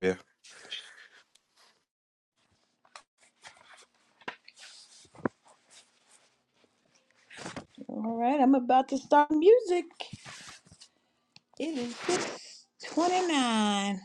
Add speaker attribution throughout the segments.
Speaker 1: Yeah,
Speaker 2: All right, I'm about to start music. It is 629.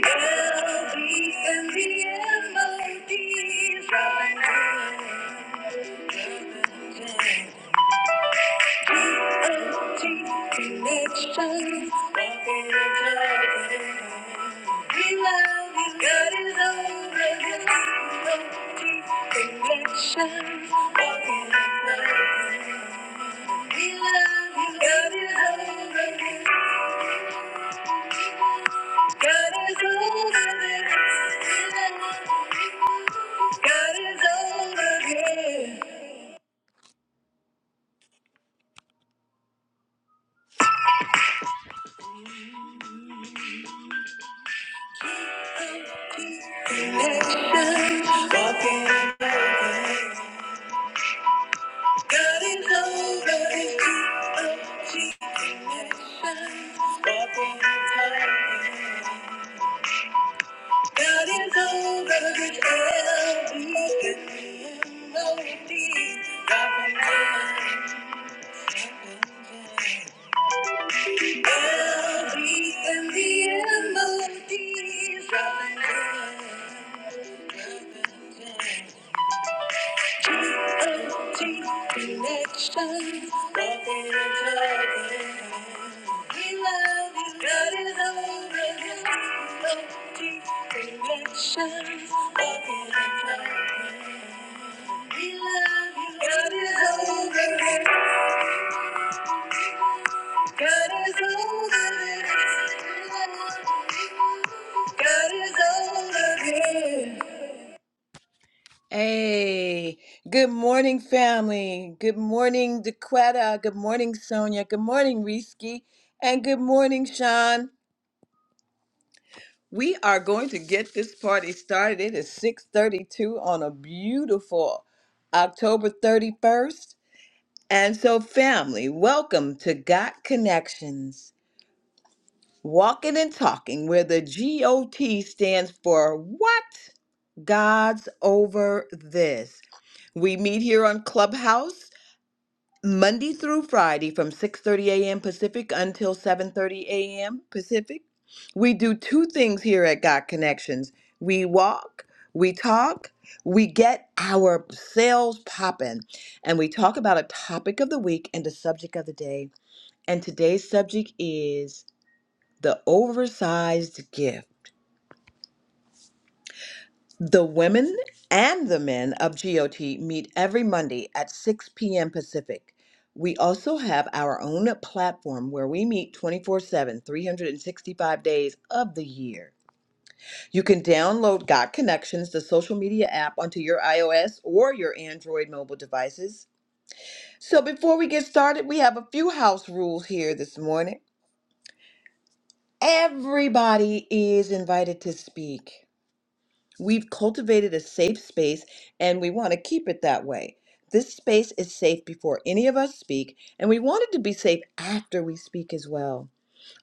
Speaker 2: Elohim and the Elohim, Connection. Walking in confidence. We love you. God is over this. T N T Connection. Walking in confidence. We love you. God is over this. God is over this. God walking. God is over this. G-O-G. walking. God is over this. L-E-M-O-D. God is Melodies and the end melodies G-O-T connections, nothing We love you, God is over this G-O-T connections, nothing We love you, God is over this God is over this. God is over this. Hey, good morning, family. Good morning, Dequetta. Good morning, Sonia. Good morning, Risky. And good morning, Sean. We are going to get this party started. It is 6:32 on a beautiful October 31st. And so, family, welcome to Got Connections. Walking and Talking, where the GOT stands for what? God's over this. We meet here on Clubhouse Monday through Friday from 6:30 a.m. Pacific until 7:30 a.m. Pacific. We do two things here at God Connections. We walk, we talk, we get our sales popping, and we talk about a topic of the week and the subject of the day. And today's subject is the oversized gift. The women and the men of GOT meet every Monday at 6 p.m. Pacific. We also have our own platform where we meet twenty-four-seven, three hundred and sixty-five days of the year. You can download God Connections, the social media app, onto your iOS or your Android mobile devices. So before we get started, we have a few house rules here this morning. Everybody is invited to speak. We've cultivated a safe space and we want to keep it that way. This space is safe before any of us speak, and we want it to be safe after we speak as well.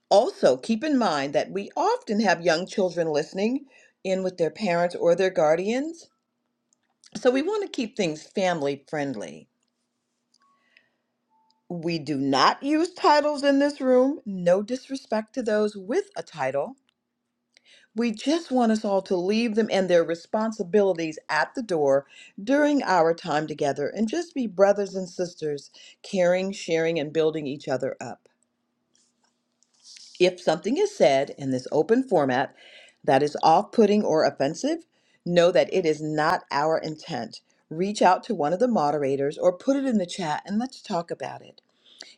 Speaker 2: Also, keep in mind that we often have young children listening in with their parents or their guardians, so we want to keep things family friendly. We do not use titles in this room, no disrespect to those with a title. We just want us all to leave them and their responsibilities at the door during our time together and just be brothers and sisters, caring, sharing, and building each other up. If something is said in this open format that is off putting or offensive, know that it is not our intent. Reach out to one of the moderators or put it in the chat and let's talk about it.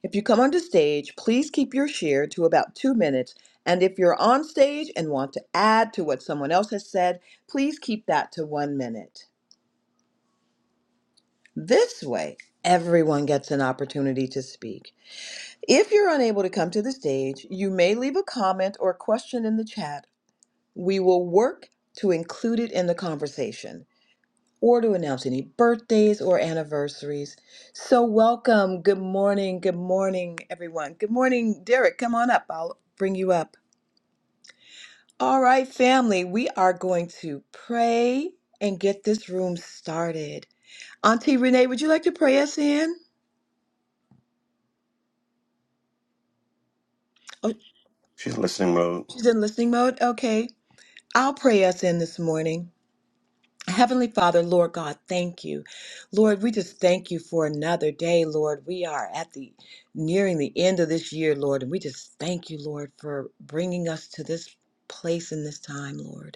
Speaker 2: If you come onto stage, please keep your share to about two minutes. And if you're on stage and want to add to what someone else has said, please keep that to one minute. This way, everyone gets an opportunity to speak. If you're unable to come to the stage, you may leave a comment or question in the chat. We will work to include it in the conversation. or to announce any birthdays or anniversaries. So, welcome. Good morning. Good morning, everyone. Good morning, Derek. Come on up. I'll bring you up. All right, family, we are going to pray and get this room started. Auntie Renee, would you like to pray us in? Oh,
Speaker 1: she's listening mode.
Speaker 2: she's in listening mode? Okay. I'll pray us in this morning. Heavenly Father, Lord God, thank you. Lord, we just thank you for another day, Lord. We are at the nearing the end of this year, Lord, and we just thank you, Lord, for bringing us to this place in this time, Lord.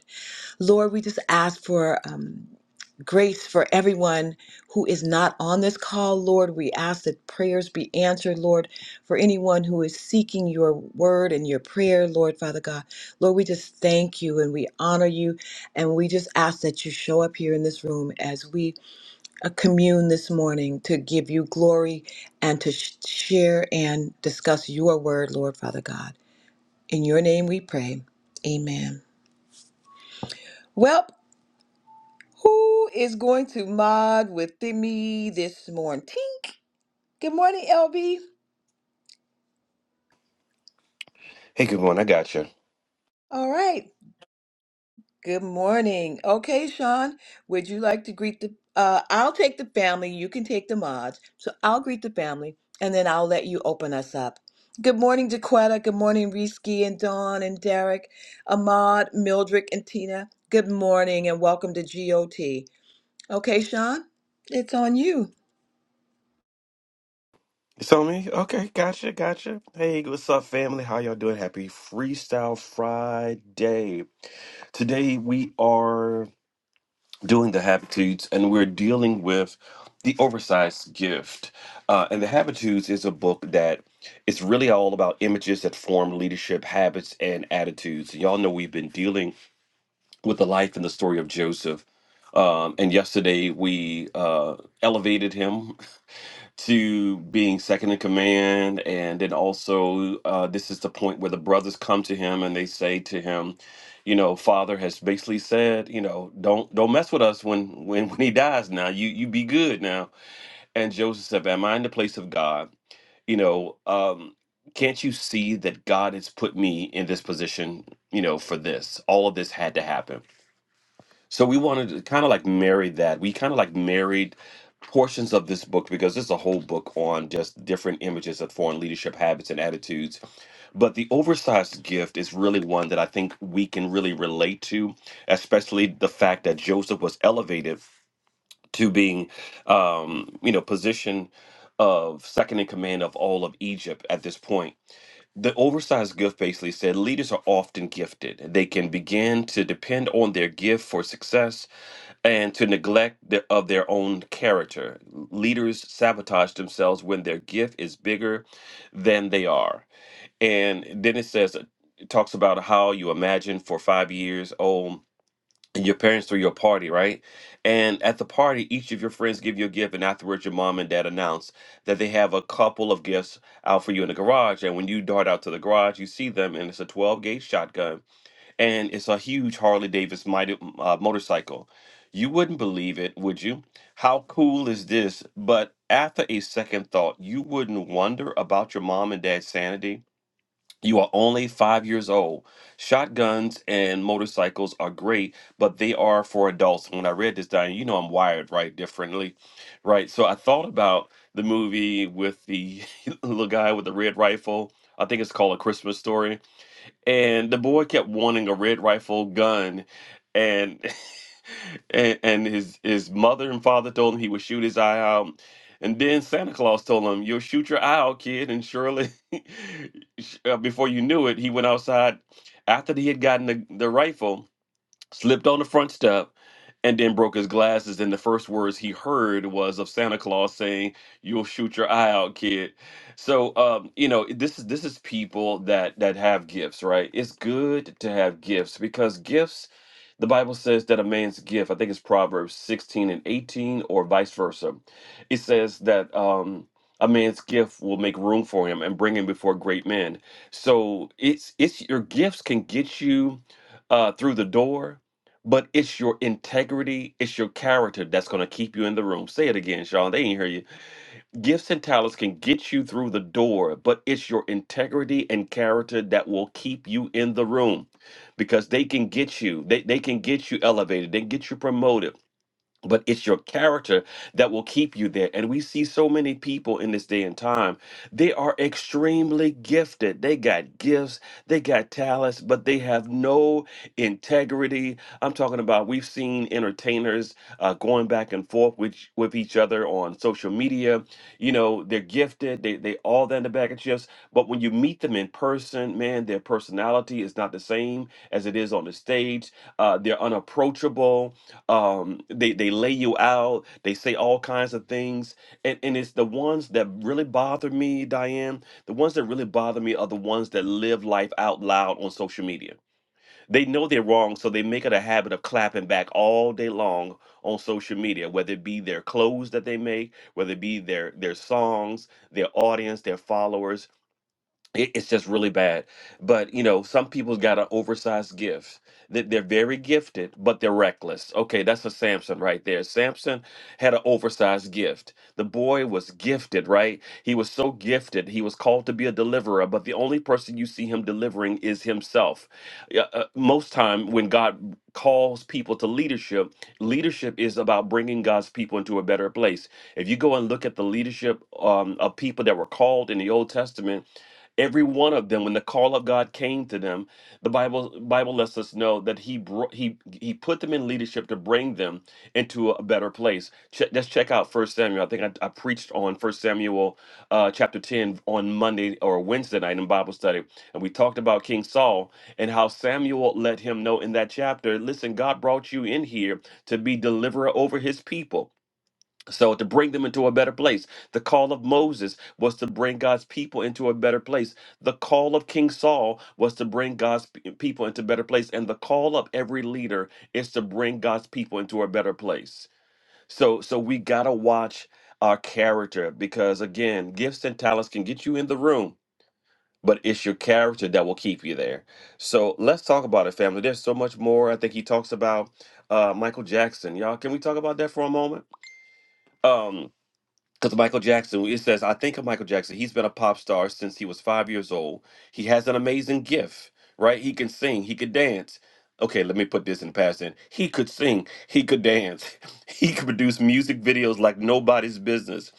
Speaker 2: Lord, we just ask for um, grace for everyone who is not on this call, Lord. We ask that prayers be answered, Lord, for anyone who is seeking your word and your prayer, Lord, Father God. Lord, we just thank you and we honor you. And we just ask that you show up here in this room as we uh, commune this morning to give you glory and to sh- share and discuss your word, Lord, Father God. In your name we pray. Amen. Well, Who is going to mod with me this morning? Tink. Good morning, LB.
Speaker 1: Hey, good one. I got you.
Speaker 2: All right. Good morning. Okay, Sean, would you like to greet the uh I'll take the family, you can take the mods. So I'll greet the family and then I'll let you open us up. Good morning, Daquetta. Good morning, Risky and Dawn and Derek, Ahmad, Mildred, and Tina. Good morning and welcome to GOT. Okay, Sean, it's on you.
Speaker 1: It's on me. Okay, gotcha, gotcha. Hey, what's up, family? How y'all doing? Happy Freestyle Friday. Today we are doing the habitudes, and we're dealing with the oversized gift. Uh, and the habitudes is a book that it's really all about images that form leadership habits and attitudes. And y'all know we've been dealing with the life and the story of Joseph. Um, and yesterday we uh, elevated him to being second in command and then also uh, this is the point where the brothers come to him and they say to him you know father has basically said you know don't don't mess with us when when when he dies now you you be good now and joseph said am i in the place of god you know um can't you see that god has put me in this position you know for this all of this had to happen so we wanted to kind of like marry that. We kind of like married portions of this book because this is a whole book on just different images of foreign leadership habits and attitudes. But the oversized gift is really one that I think we can really relate to, especially the fact that Joseph was elevated to being, um, you know, position of second in command of all of Egypt at this point. The oversized gift basically said leaders are often gifted. They can begin to depend on their gift for success and to neglect the, of their own character. Leaders sabotage themselves when their gift is bigger than they are. And then it says, it talks about how you imagine for five years old. And your parents threw your party, right? And at the party, each of your friends give you a gift, and afterwards, your mom and dad announce that they have a couple of gifts out for you in the garage. And when you dart out to the garage, you see them, and it's a 12 gauge shotgun and it's a huge Harley Davidson mighty, uh, motorcycle. You wouldn't believe it, would you? How cool is this? But after a second thought, you wouldn't wonder about your mom and dad's sanity. You are only five years old. Shotguns and motorcycles are great, but they are for adults. When I read this, Diane, you know I'm wired right differently, right? So I thought about the movie with the little guy with the red rifle. I think it's called A Christmas Story and the boy kept wanting a red rifle gun and and, and his his mother and father told him he would shoot his eye out and then santa claus told him you'll shoot your eye out kid and surely sh- uh, before you knew it he went outside after he had gotten the, the rifle slipped on the front step, and then broke his glasses. And the first words he heard was of Santa Claus saying, "You'll shoot your eye out, kid." So, um, you know, this is this is people that that have gifts, right? It's good to have gifts because gifts. The Bible says that a man's gift, I think it's Proverbs 16 and 18, or vice versa. It says that um, a man's gift will make room for him and bring him before great men. So it's it's your gifts can get you uh, through the door, but it's your integrity, it's your character that's going to keep you in the room. Say it again, Sean. They ain't hear you. Gifts and talents can get you through the door, but it's your integrity and character that will keep you in the room because they can get you. They, they can get you elevated. They can get you promoted but it's your character that will keep you there and we see so many people in this day and time they are extremely gifted they got gifts they got talents but they have no integrity i'm talking about we've seen entertainers uh, going back and forth with with each other on social media you know they're gifted they they all that in the bag of chips but when you meet them in person man their personality is not the same as it is on the stage uh, they're unapproachable um they they lay you out they say all kinds of things and and it's the ones that really bother me Diane the ones that really bother me are the ones that live life out loud on social media they know they're wrong so they make it a habit of clapping back all day long on social media whether it be their clothes that they make whether it be their their songs their audience their followers it- it's just really bad. But you know, some people's got an oversized gift. That they're very gifted, but they're reckless. Okay, that's a Samson right there. Samson had an oversized gift. The boy was gifted, right? He was so gifted. He was called to be a deliverer, but the only person you see him delivering is himself. Yeah, Uh, most time when God calls people to leadership, leadership is about bringing God's people into a better place. If you go and look at the leadership um, of people that were called in the Old Testament Every one of them, when the call of God came to them, the Bible Bible lets us know that He brought He He put them in leadership to bring them into a better place. Check, us check out First Samuel. I think I, I preached on First Samuel uh, chapter ten on Monday or Wednesday night in Bible study, and we talked about King Saul and how Samuel let him know in that chapter. Listen, God brought you in here to be deliverer over His people. So, to bring them into a better place, the call of Moses was to bring God's people into a better place. The call of King Saul was to bring God's p- people into a better place. And the call of every leader is to bring God's people into a better place. So, so we got to watch our character because, again, gifts and talents can get you in the room, but it's your character that will keep you there. So, let's talk about it, family. There's so much more. I think he talks about uh, Michael Jackson. Y'all, can we talk about that for a moment? Um, because Michael Jackson, it says, I think of Michael Jackson. He's been a pop star since he was five years old. He has an amazing gift, right? He can sing, he could dance. Okay, let me put this in past then. He could sing, he could dance, he could produce music videos like nobody's business.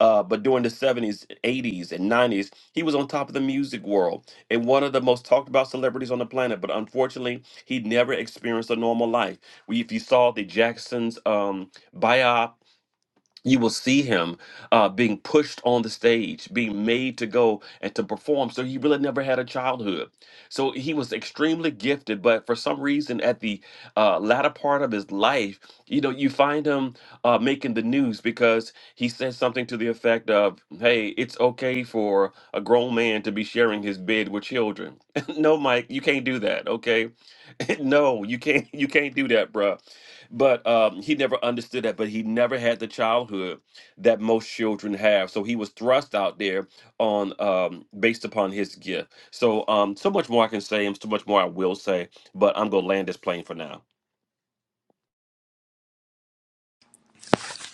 Speaker 1: Uh, but during the 70s, 80s, and 90s, he was on top of the music world and one of the most talked about celebrities on the planet. But unfortunately, he never experienced a normal life. We, if you saw the Jackson's um, biop you will see him uh, being pushed on the stage, being made to go and to perform. So he really never had a childhood. So he was extremely gifted, but for some reason, at the uh, latter part of his life, you know, you find him uh, making the news because he says something to the effect of, "Hey, it's okay for a grown man to be sharing his bed with children." no, Mike, you can't do that. Okay, no, you can't you can't do that, bruh. But um, he never understood that, but he never had the childhood that most children have. So he was thrust out there on um based upon his gift. So um so much more I can say and so much more I will say, but I'm gonna land this plane for now.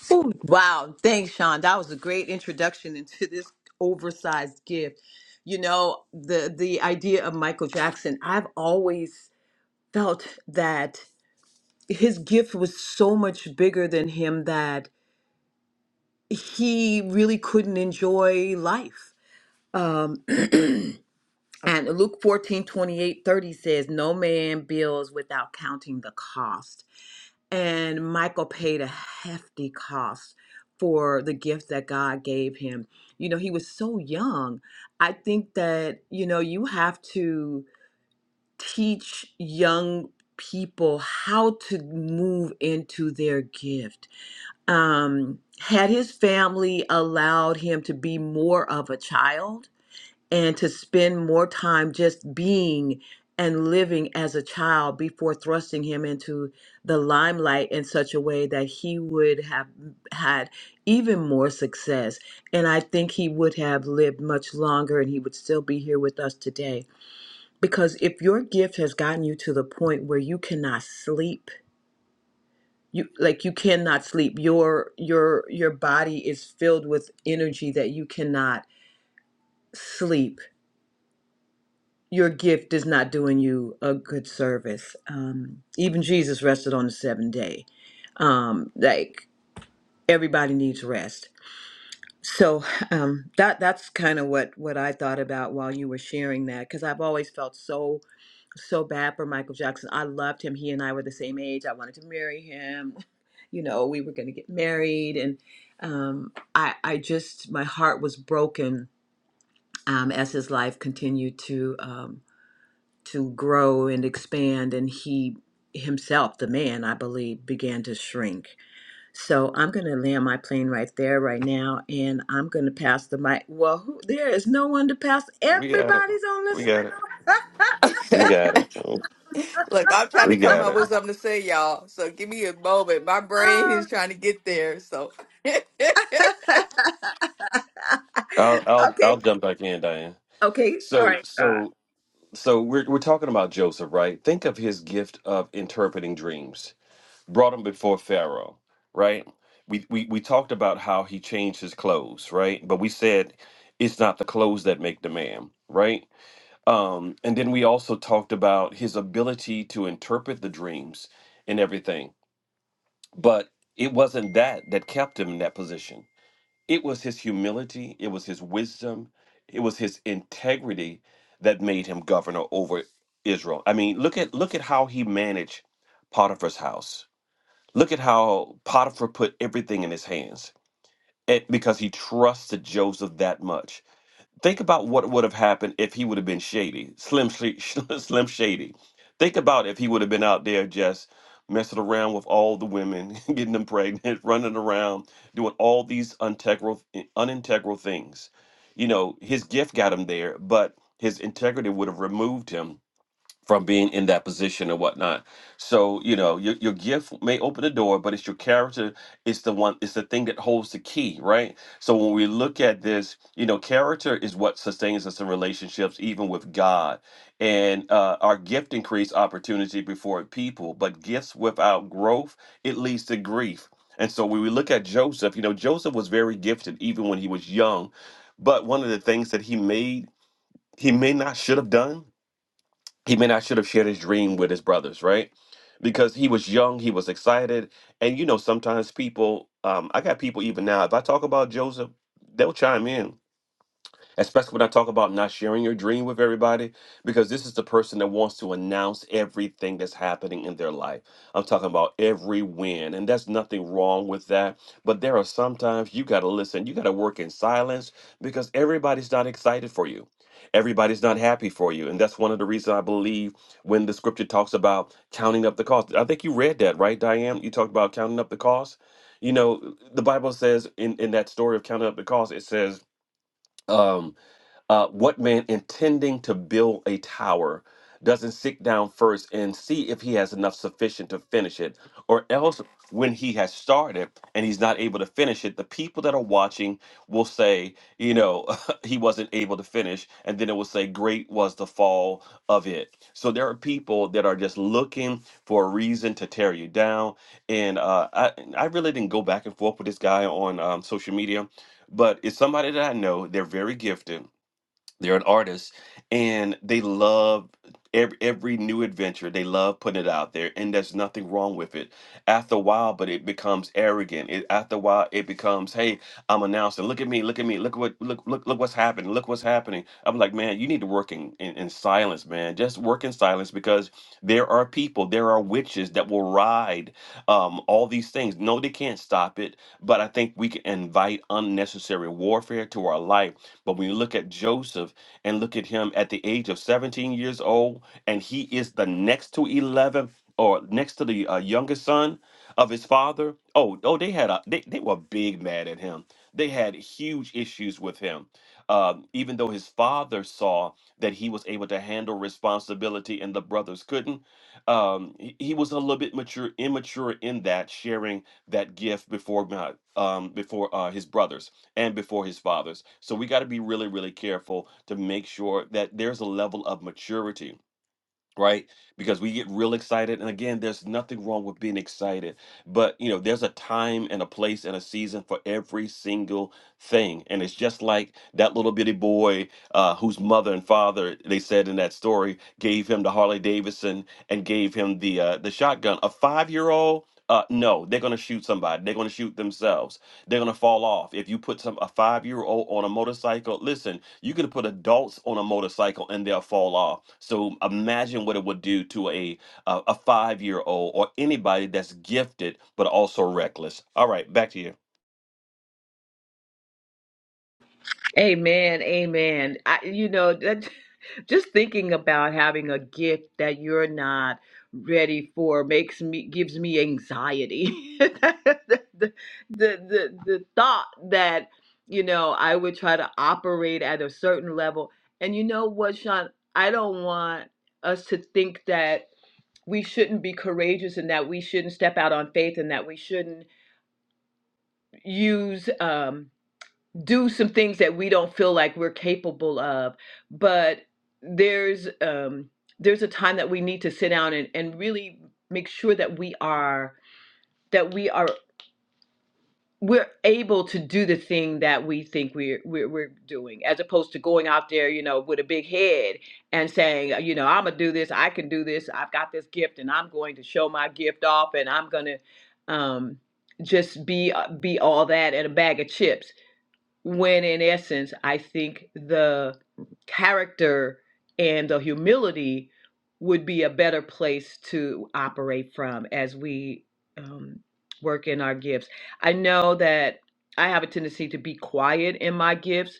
Speaker 2: Ooh, wow. Thanks, Sean. That was a great introduction into this oversized gift. You know, the the idea of Michael Jackson, I've always felt that his gift was so much bigger than him that he really couldn't enjoy life. Um, and Luke 14 28 30 says, No man builds without counting the cost. and Michael paid a hefty cost for the gift that God gave him. You know, he was so young. I think that, you know, you have to teach young people how to move into their gift. Um, had his family allowed him to be more of a child, and to spend more time just being and living as a child before thrusting him into the limelight in such a way that he would have had even more success. And I think he would have lived much longer and he would still be here with us today. Because if your gift has gotten you to the point where you cannot sleep, you like you cannot sleep. Your your your body is filled with energy that you cannot sleep your gift is not doing you a good service. Um, even Jesus rested on the seventh day. Um, like everybody needs rest. So um, that that's kind of what what I thought about while you were sharing that because I've always felt so so bad for Michael Jackson. I loved him. He and I were the same age. I wanted to marry him. You know, we were going to get married, and um, I I just my heart was broken um, as his life continued to. um, to grow and expand and he himself the man i believe began to shrink so i'm going to land my plane right there right now and i'm going to pass the mic well who, there is no one to pass
Speaker 1: We got it.
Speaker 2: everybody's on this
Speaker 1: We got it. We got it.
Speaker 3: Look, I'm trying
Speaker 1: We
Speaker 3: to come
Speaker 1: got
Speaker 3: up
Speaker 1: it.
Speaker 3: with something to say, y'all. So give me a moment. My brain
Speaker 2: oh.
Speaker 3: is trying to get there. So
Speaker 1: I'll I'll I'll
Speaker 2: okay
Speaker 1: jump back in, Diane.
Speaker 2: okay all
Speaker 1: So
Speaker 2: right
Speaker 1: so so we're we're talking about Joseph, right? Think of his gift of interpreting dreams brought him before Pharaoh, right? We, we we talked about how he changed his clothes, right? But we said it's not the clothes that make the man, right? Um, and then we also talked about his ability to interpret the dreams and everything. But it wasn't that that kept him in that position. It was his humility, it was his wisdom, it was his integrity that made him governor over Israel. I mean, look at look at how he managed Potiphar's house Look at how Potiphar put everything in his hands eh, because he trusted Joseph that much. Think about what would have happened if he would have been shady, slim, Sh- slim shady. Think about if he would have been out there just messing around with all the women, getting them pregnant, running around, doing all these integral, unintegral things. You know, his gift got him there, but his integrity would have removed him from being in that position or whatnot. So you know, your your gift may open the door, but it's your character. It's the one. It's the thing that holds the key, right? So when we look at this, you know, character is what sustains us in relationships, even with God. And uh, our gift increase opportunity before people, but gifts without growth it leads to grief. And so when we look at Joseph, you know, Joseph was very gifted even when he was young, but one of the things that he made he may not should have done he may not should have shared his dream with his brothers, right? Because he was young, he was excited, and you know sometimes people, um, I got people even now. If I talk about Joseph, they'll chime in especially when I talk about not sharing your dream with everybody, because this is the person that wants to announce everything that's happening in their life. I'm talking about every win, and there's nothing wrong with that. But there are sometimes you got to listen, you got to work in silence because everybody's not excited for you. Everybody's not happy for you. And that's one of the reasons I believe when the scripture talks about counting up the cost. I think you read that, right, Diane? You talked about counting up the cost. You know, the Bible says in, in that story of counting up the cost, it says, um, uh, what man intending to build a tower doesn't sit down first and see if he has enough sufficient to finish it, or else when he has started and he's not able to finish it, the people that are watching will say, you know, he wasn't able to finish, and then it will say, great was the fall of it. So there are people that are just looking for a reason to tear you down, and uh, I I really didn't go back and forth with this guy on um, social media, but it's somebody that I know. They're very gifted they're an artist and they love every, every new adventure they love putting it out there and there's nothing wrong with it after a while but it becomes arrogant it, after a while it becomes hey i'm announcing look at me look at me look what look look look what's happening look what's happening i'm like man you need to work in, in, in silence man just work in silence because there are people there are witches that will ride um, all these things. No, they can't stop it, but I think we can invite unnecessary warfare to our life. But when you look at Joseph and look at him at the age of 17 years old, and he is the next to 11 or next to the uh, youngest son of his father. Oh, oh, they had a they, they were big mad at him. They had huge issues with him. Um, even though his father saw that he was able to handle responsibility and the brothers couldn't, um he, he was a little bit mature immature in that sharing that gift before God um before uh his brothers and before his fathers so we got to be really really careful to make sure that there's a level of maturity right because we get real excited and again there's nothing wrong with being excited but you know there's a time and a place and a season for every single thing and it's just like that little bitty boy uh, whose mother and father they said in that story gave him the harley davidson and gave him the uh, the shotgun a five year old uh, no they're going to shoot somebody they're going to shoot themselves they're gonna fall off. If you put some a five year old on a motorcycle, listen, you can put adults on a motorcycle and they'll fall off. So imagine what it would do to a a, a five year old or anybody that's gifted but also reckless. All right, back to you.
Speaker 2: Amen, amen. I, you know, that, just thinking about having a gift that you're not ready for makes me gives me anxiety. the, the, the, the thought that you know I would try to operate at a certain level, and you know what, Sean, I don't want us to think that we shouldn't be courageous and that we shouldn't step out on faith and that we shouldn't use um do some things that we don't feel like we're capable of but there's um there's a time that we need to sit down and, and really make sure that we are that we are we're able to do the thing that we think we're, we're we're doing as opposed to going out there you know with a big head and saying uh, you know i'm gonna do this i can do this i've got this gift and i'm going to show my gift off and i'm gonna um just be uh, be all that and a bag of chips when in essence i think the character and the humility would be a better place to operate from as we um, work in our gifts i know that i have a tendency to be quiet in my gifts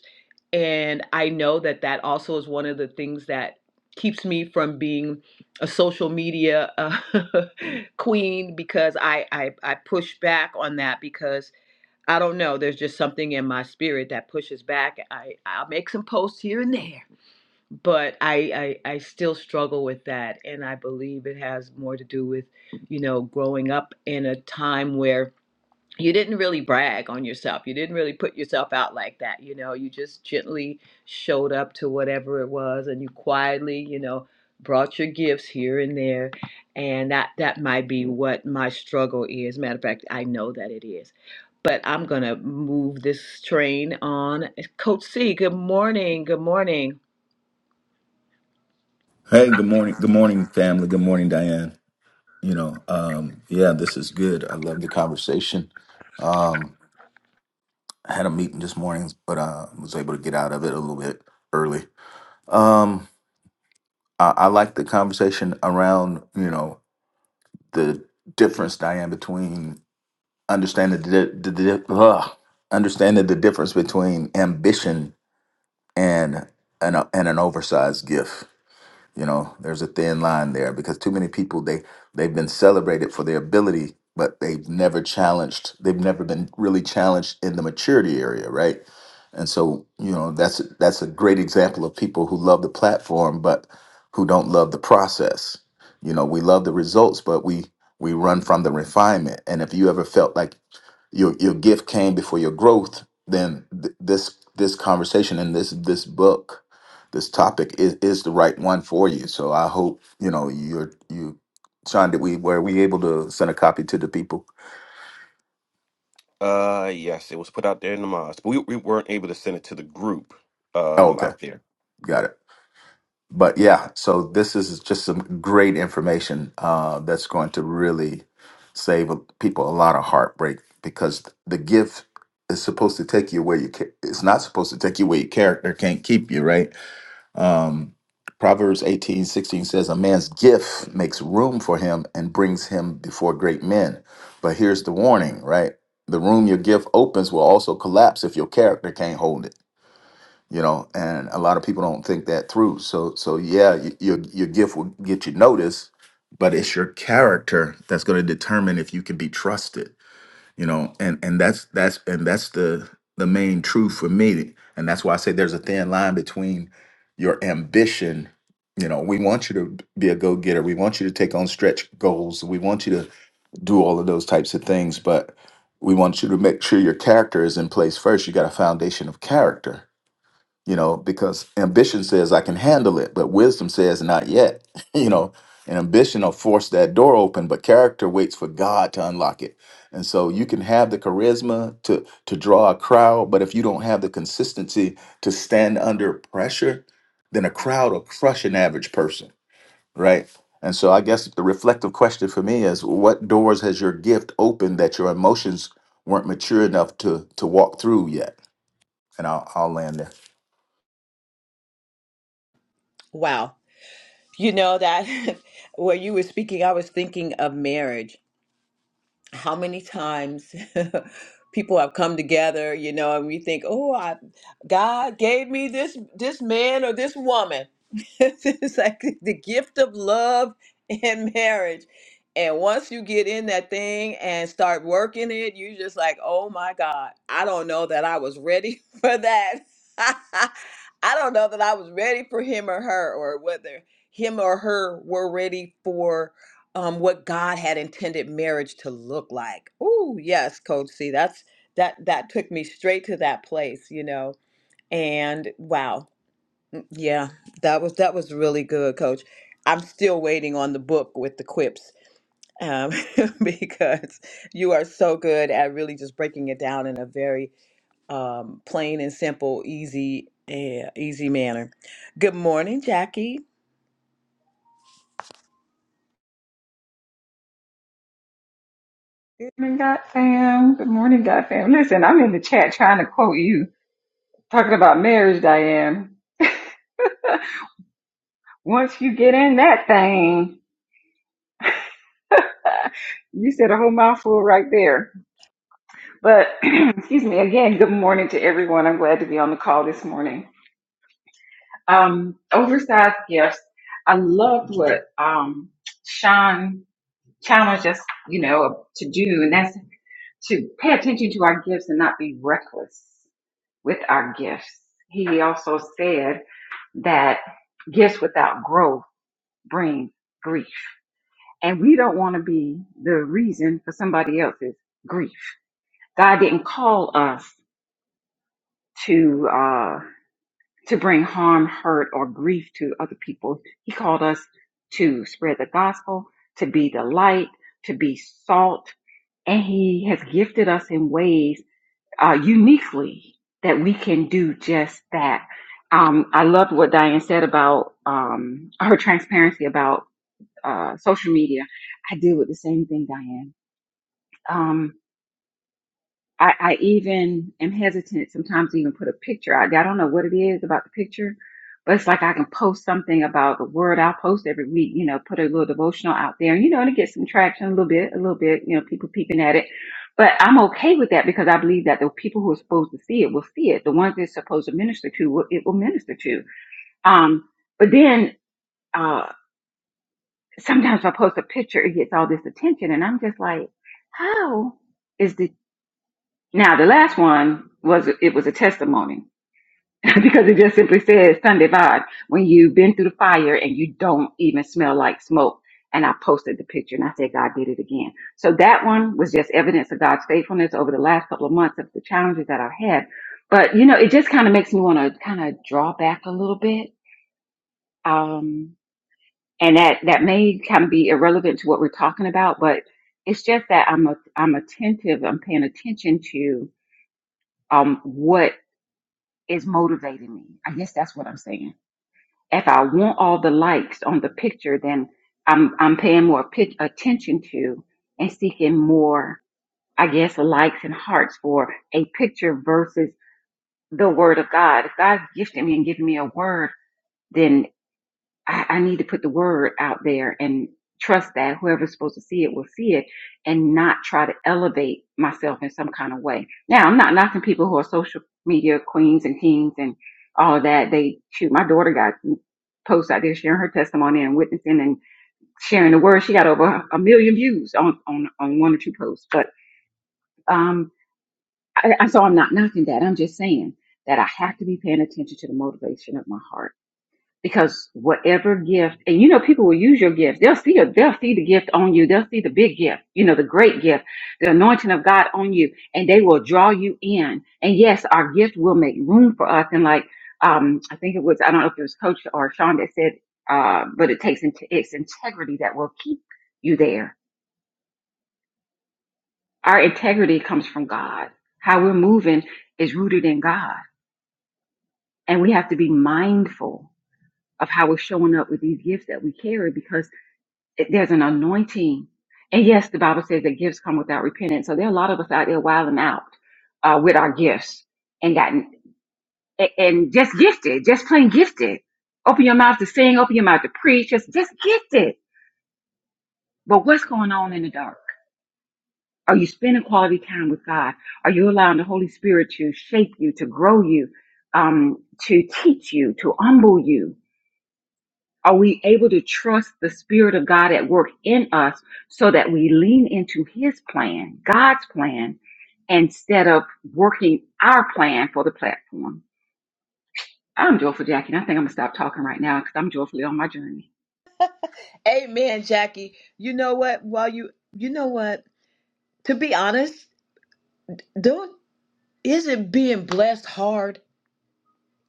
Speaker 2: and i know that that also is one of the things that keeps me from being a social media uh, queen because I, I i push back on that because. I don't know. There's just something in my spirit that pushes back. I I'll make some posts here and there, but I, I I still struggle with that, and I believe it has more to do with, you know, growing up in a time where you didn't really brag on yourself. You didn't really put yourself out like that. You know, you just gently showed up to whatever it was and you quietly, you know, brought your gifts here and there. And that that might be what my struggle is. Matter of fact, I know that it is. But I'm going to move this train on. eh, Coach C, good morning. Good morning.
Speaker 4: Hey, good morning. Good morning, family. Good morning, Diane. You know, um, yeah, this is good. I love the conversation. Um, I had a meeting this morning, but I was able to get out of it a little bit early. Um, I, I like the conversation around, you know, the difference, Diane, between understanding the, the, the ugh, understanding the difference between ambition and an and an oversized gift You know, there's a thin line there because too many people they they've been celebrated for their ability, but they've never challenged. They've never been really challenged in the maturity area, right? And so, you know, that's that's a great example of people who love the platform but who don't love the process. You know, we love the results, but we we run from the refinement. And if you ever felt like your your gift came before your growth, then th- this this conversation and this this book, this topic is, is the right one for you. So I hope you know you're you, Sean. Did we were we able to send a copy to the people?
Speaker 1: Uh, yes, it was put out there in the mosque, but we, we weren't able to send it to the group
Speaker 4: Oh,
Speaker 1: um
Speaker 4: okay,
Speaker 1: out there.
Speaker 4: got it. But yeah, so this is just some great information uh, that's going to really save people a lot of heartbreak because the gift is supposed to take you where you ca- it's not supposed to take you where your character can't keep you, right? Um, Proverbs eighteen sixteen says, A man's gift makes room for him and brings him before great men. But here's the warning, right? The room your gift opens will also collapse if your character can't hold it. You know, and a lot of people don't think that through. So, so yeah, y- your your gift will get you noticed, but it's your character that's going to determine if you can be trusted you know and and that's that's and that's the the main truth for me and that's why i say there's a thin line between your ambition you know we want you to be a go-getter we want you to take on stretch goals we want you to do all of those types of things but we want you to make sure your character is in place first you got a foundation of character you know, because ambition says I can handle it, but wisdom says not yet, you know, and ambition will force that door open, but character waits for God to unlock it. And so you can have the charisma to to draw a crowd, but if you don't have the consistency to stand under pressure, then a crowd will crush an average person, right? And so I guess the reflective question for me is what doors has your gift opened that your emotions weren't mature enough to to walk through yet? And I'll, I'll land there.
Speaker 2: Wow. You know that when you were speaking, I was thinking of marriage. how many times people have come together, you know, and we think, oh, I, God gave me this this man or this woman. it's like the gift of love and marriage. And once you get in that thing and start working it, you just like, oh my God, I don't know that I was ready for that. I don't know that I was ready for him or her, or whether him or her were ready for um, what God had intended marriage to look like. Oh, yes, Coach C. That's that that took me straight to that place, you know. And wow, Mm, yeah, that was that was really good, Coach. I'm still waiting on the book with the quips um, because you are so good at really just breaking it down in a very um, plain and simple, easy, uh, easy manner. Good morning, Jackie.
Speaker 5: Good morning, God fam. Good morning, God fam. Listen, I'm in the chat trying to quote you, talking about marriage, Diane. Once you get in that thing, you said a whole mouthful right there. But excuse me again, good morning to everyone. I'm glad to be on the call this morning. Um, oversized gifts. I loved what um Sean challenged us, you know, to do, and that's to pay attention to our gifts and not be reckless. with our gifts. He also said that gifts without growth bring grief. And we don't want to be the reason for somebody else's grief. God didn't call us to uh to bring harm, hurt, or grief to other people. He called us to spread the gospel, to be the light, to be salt, and he has gifted us in ways uh, uniquely that we can do just that. Um, I loved what Diane said about um, her transparency about uh, social media. I deal with the same thing, Diane. Um, I, I even am hesitant sometimes to even put a picture out there. I don't know what it is about the picture, but it's like I can post something about the word I'll post every week, you know, put a little devotional out there, and you know, and it gets some traction a little bit, a little bit, you know, people peeping at it. But I'm okay with that because I believe that the people who are supposed to see it will see it. The ones it's supposed to minister to, will- it will minister to. Um, but then uh, sometimes if I post a picture, it gets all this attention, and I'm just like, how? Now the last one was it was a testimony because it just simply says Sunday vibe when you've been through the fire and you don't even smell like smoke. And I posted the picture and I said God did it again. So that one was just evidence of God's faithfulness over the last couple of months of the challenges that I've had. But you know, it just kind of makes me want to kind of draw back a little bit. Um, and that that may kind of be irrelevant to what we're talking about, but it's just that I'm a, I'm attentive. I'm paying attention to um, what is motivating me. I guess that's what I'm saying. If I want all the likes on the picture, then I'm I'm paying more pic- attention to and seeking more, I guess, likes and hearts for a picture versus the word of God. If God's gifted me and given me a word, I, I need to put the word out there and trust that whoever's supposed to see it will see it and not try to elevate myself in some kind of way. Now, I'm not knocking people who are social media queens and kings and all of that. They shoot, my daughter got posts out there sharing her testimony and witnessing and sharing the word. She got over a million views on, on, on one or two posts. But, um, I, I, so I'm not knocking that. I'm just saying that I have to be paying attention to the motivation of my heart because whatever gift and you know people will use your gift they'll see a, they'll see the gift on you they'll see the big gift you know the great gift the anointing of god on you and they will draw you in and yes our gift will make room for us and like um i think it was i don't know if it was coach or sean that said uh but it takes into its integrity that will keep you there our integrity comes from god how we're moving is rooted in god and we have to be mindful of how we're showing up with these gifts that we carry because it- there's an anointing. And yes, the Bible says that gifts come without repentance. So there are a lot of us out there wilding out uh, with our gifts and gotten a- and just gifted, just plain gifted. Open your mouth to sing, open your mouth to preach, just just gifted. But what's going on in the dark? Are you spending quality time with God? Are you allowing the Holy Spirit to shape you, to grow you, um, to teach you, to humble you? Are we able to trust the Spirit of God at work in us so that we lean into His plan, God's plan, instead of working our plan for the platform? I'm joyful, Jackie, and I think I'm gonna stop talking right now because I'm joyfully on my journey.
Speaker 2: Amen, Jackie. You know what? While you, you know what? To be honest, don't isn't being blessed hard?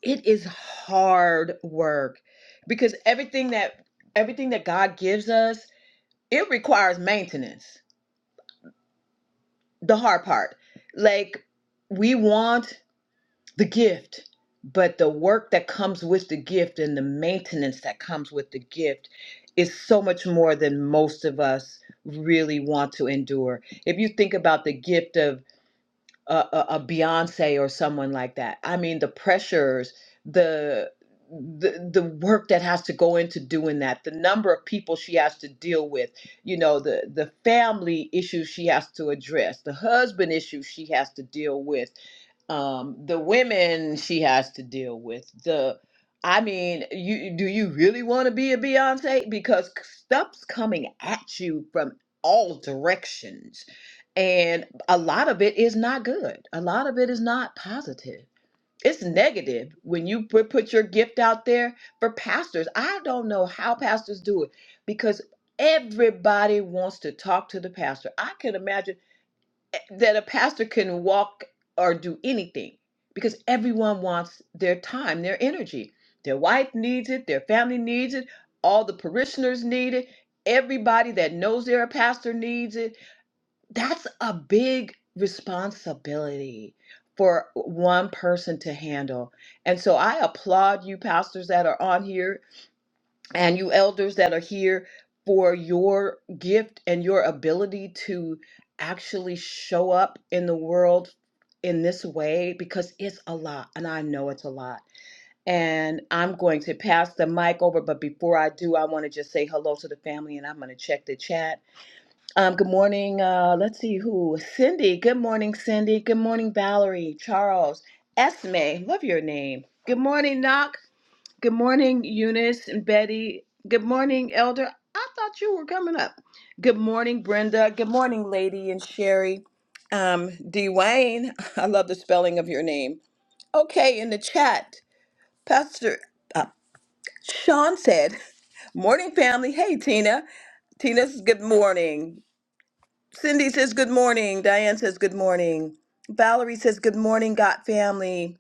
Speaker 2: It is hard work because everything that everything that God gives us, it requires maintenance. The hard part. Like we want the gift, but the work that comes with the gift and the maintenance that comes with the gift is so much more than most of us really want to endure. If you think about the gift of a, a, a Beyonce or someone like that. I mean, the pressures, the the the work that has to go into doing that, the number of people she has to deal with, you know, the the family issues she has to address, the husband issues she has to deal with, um, the women she has to deal with. The I mean, you do you really want to be a Beyonce? Because c- stuff's coming at you from all directions and a lot of it is not good. A lot of it is not positive. It's negative when you put, put your gift out there for pastors. I don't know how pastors do it because everybody wants to talk to the pastor. I can imagine eh, that a pastor can walk or do anything because everyone wants their time, their energy. Their wife needs it, their family needs it, all the parishioners need it, everybody that knows they're a pastor needs it that's a big responsibility for one person to handle. And so I applaud you, pastors that are on here, and you elders that are here for your gift and your ability to actually show up in the world in this way because it's a lot, and I know it's a lot. And I'm going to pass the mic over, but before I do, I want to just say hello to the family and I'm going to check the chat. Um, good morning. Uh, let's see who. Cindy. Good morning, Cindy. Good morning, Valerie, Charles, Esme. Love your name. Good morning, Knock. Good morning, Eunice and Betty. Good morning, Elder. I thought you were coming up. Good morning, Brenda. Good morning, Lady and Sherry. Um, Dwayne. I love the spelling of your name. Okay, in the chat, Pastor uh, Sean said, "Morning, family. Hey, Tina. Tina's good morning. Cindy says good morning. Diane says good morning. Valerie says good morning, God family.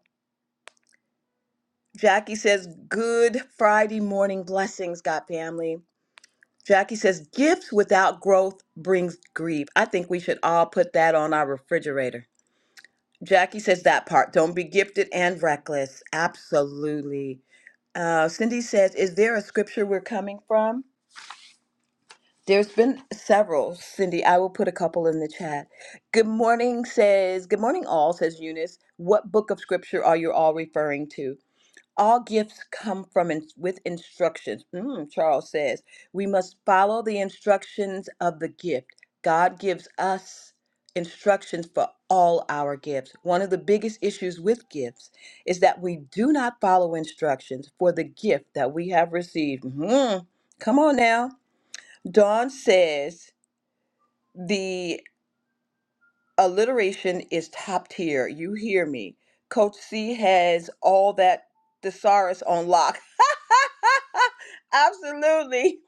Speaker 2: Jackie says good Friday morning blessings, God family. Jackie says gifts without growth brings grief. I think we should all put that on our refrigerator. Jackie says that part. Don't be gifted and reckless. Absolutely. Uh, Cindy says, is there a scripture we're coming from? There's been several, Cindy. I will put a couple in the chat. Good morning says, Good morning, all, says Eunice. What book of scripture are you all referring to? All gifts come from in, with instructions. Mm, Charles says, We must follow the instructions of the gift. God gives us instructions for all our gifts. One of the biggest issues with gifts is that we do not follow instructions for the gift that we have received. Mhm. Come on now. Dawn says the alliteration is top tier. You hear me. Coach C has all that thesaurus on lock. Absolutely.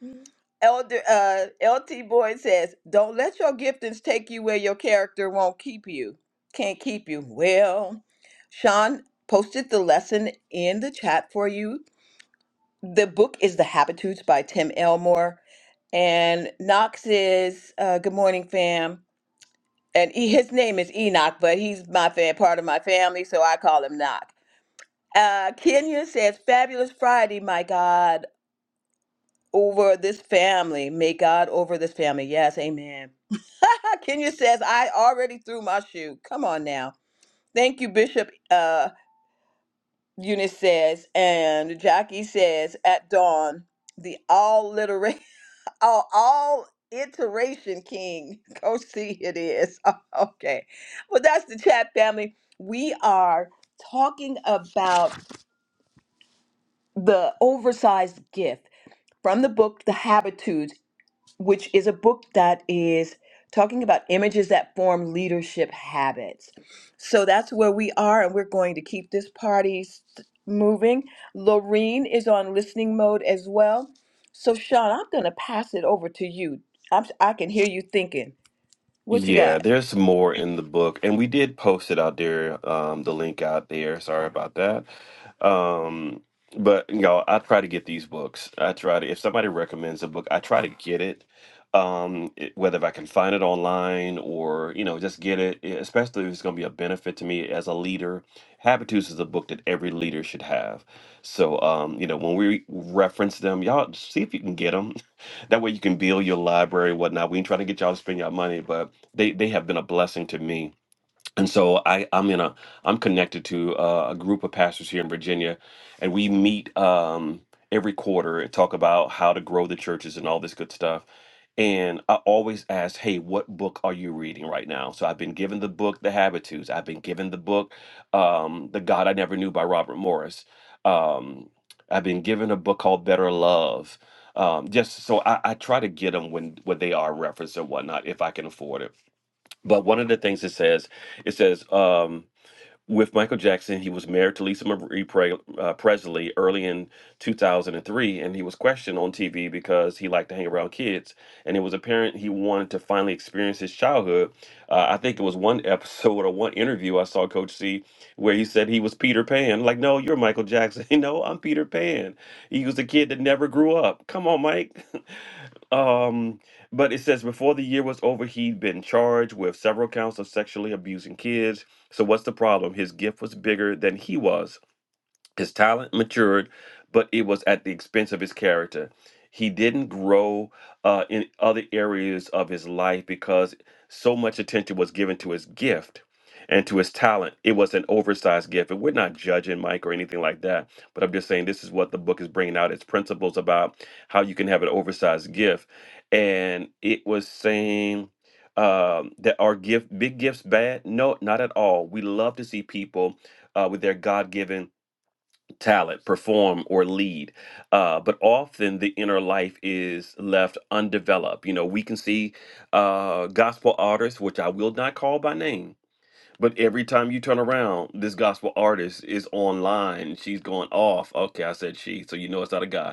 Speaker 2: Elder uh, LT Boyd says, "Don't let your giftings take you where your character won't keep you. Can't keep you." Well, Sean posted the lesson in the chat for you. The book is The Habitudes by Tim Elmore. And Knox is, uh, good morning, fam. And he, his name is Enoch, but he's my fan, part of my family, so I call him Knock. Uh, Kenya says, Fabulous Friday, my God, over this family. May God over this family. Yes, amen. Kenya says, I already threw my shoe. Come on now. Thank you, Bishop uh, Eunice says. And Jackie says, At dawn, the all Oh, all iteration king. Go see it is. Okay. Well, that's the chat family. We are talking about the oversized gift from the book The Habitudes which is a book that is talking about images that form leadership habits. So that's where we are, and we're going to keep this party s- moving. Lorene is on listening mode as well. So, Sean, I'm going to pass it over to you. I'm, I can hear you thinking. What you
Speaker 1: Yeah,
Speaker 2: got?
Speaker 1: there's more in the book, and we did post it out there, um, the link out there. Sorry about that. Um, but you know, I try to get these books. I try to, if somebody recommends a book, I try to get it. Um, it- whether if I can find it online or, you know, just get it, e- especially if it's going to be a benefit to me as a leader. Habitus is a book that every leader should have. So, um, you know, when we reference them, y'all see if you can get them. That way you can build your library, whatnot. We ain't trying to get y'all to spend your money, but they they have been a blessing to me and so i i'm in a i'm connected to uh, a group of pastors here in virginia and we meet um every quarter and talk about how to grow the churches and all this good stuff and i always ask hey what book are you reading right now so i've been given the book the habitudes i've been given the book um the god i never knew by robert morris um i've been given a book called better love um, just so I, I try to get them when when they are referenced and whatnot if I can afford it but one of the things it says, it says, um, with Michael Jackson. He was married to Lisa Marie Pre- uh, Presley early in 2003, and he was questioned on TV because he liked to hang around kids. And it was apparent he wanted to finally experience his childhood. Uh, I think it was one episode or one interview I saw Coach C where he said he was Peter Pan. Like, no, you're Michael Jackson. no, I'm Peter Pan. He was a kid that never grew up. Come on, Mike. um, but it says before the year was over, he'd been charged with several counts of sexually abusing kids so what's the problem? His gift was bigger than he was. His talent matured, but it was at the expense of his character. He didn't grow uh, in other areas of his life because so much attention was given to his gift and to his talent. It was an oversized gift. And we're not judging Mike or anything like that, but I'm just saying this is what the book is bringing out its principles about how you can have an oversized gift. And it was saying um, that our gift big gifts bad? No, not at all. We love to see people uh, with their God given talent, perform, or lead. Uh, but often the inner life is left undeveloped. You know, we can see uh, gospel artists, which I will not call by name, but every time you turn around, this gospel artist is online. She's going off. Okay, I said she, so you know it's not a guy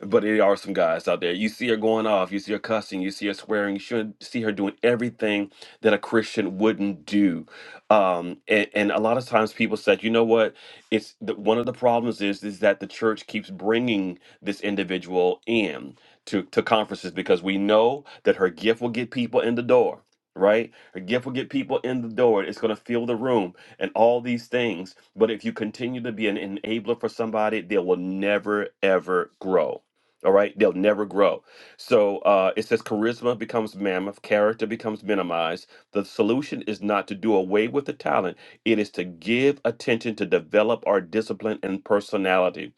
Speaker 1: but there are some guys out there. You see her going off. You see her cussing. You see her swearing. You should see her doing everything that a Christian wouldn't do. Um, and, and a lot of times people said, you know what? It's the, one of the problems is is that the church keeps bringing this individual in to to conferences because we know that her gift will get people in the door. Right, her gift will get people in the door. It's going to fill the room and all these things. But if you continue to be an enabler for somebody, they will never ever grow all right, they'll never grow. So uh, it says charisma becomes mammoth, character becomes minimized. The solution is not to do away with the talent, it is to give attention to develop our discipline and personality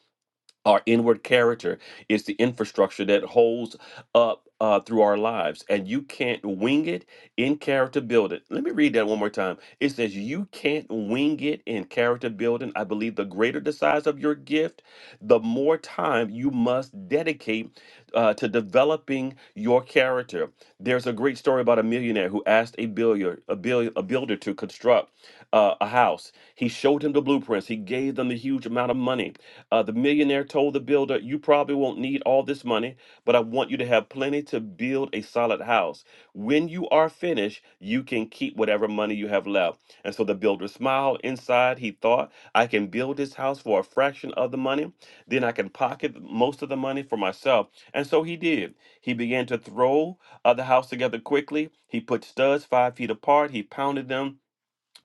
Speaker 1: our inward character is the infrastructure that holds up uh, through our lives and you can't wing it in character building let me read that one more time it says you can't wing it in character building i believe the greater the size of your gift the more time you must dedicate uh, to developing your character there's a great story about a millionaire who asked a builder a, bill, a builder to construct uh, a house he showed him the blueprints he gave them the huge amount of money uh, the millionaire told the builder, You probably won't need all this money, but I want you to have plenty to build a solid house. When you are finished, you can keep whatever money you have left. And so the builder smiled inside. He thought, I can build this house for a fraction of the money. Then I can pocket most of the money for myself. And so he did. He began to throw uh, the house together quickly. He put studs five feet apart. He pounded them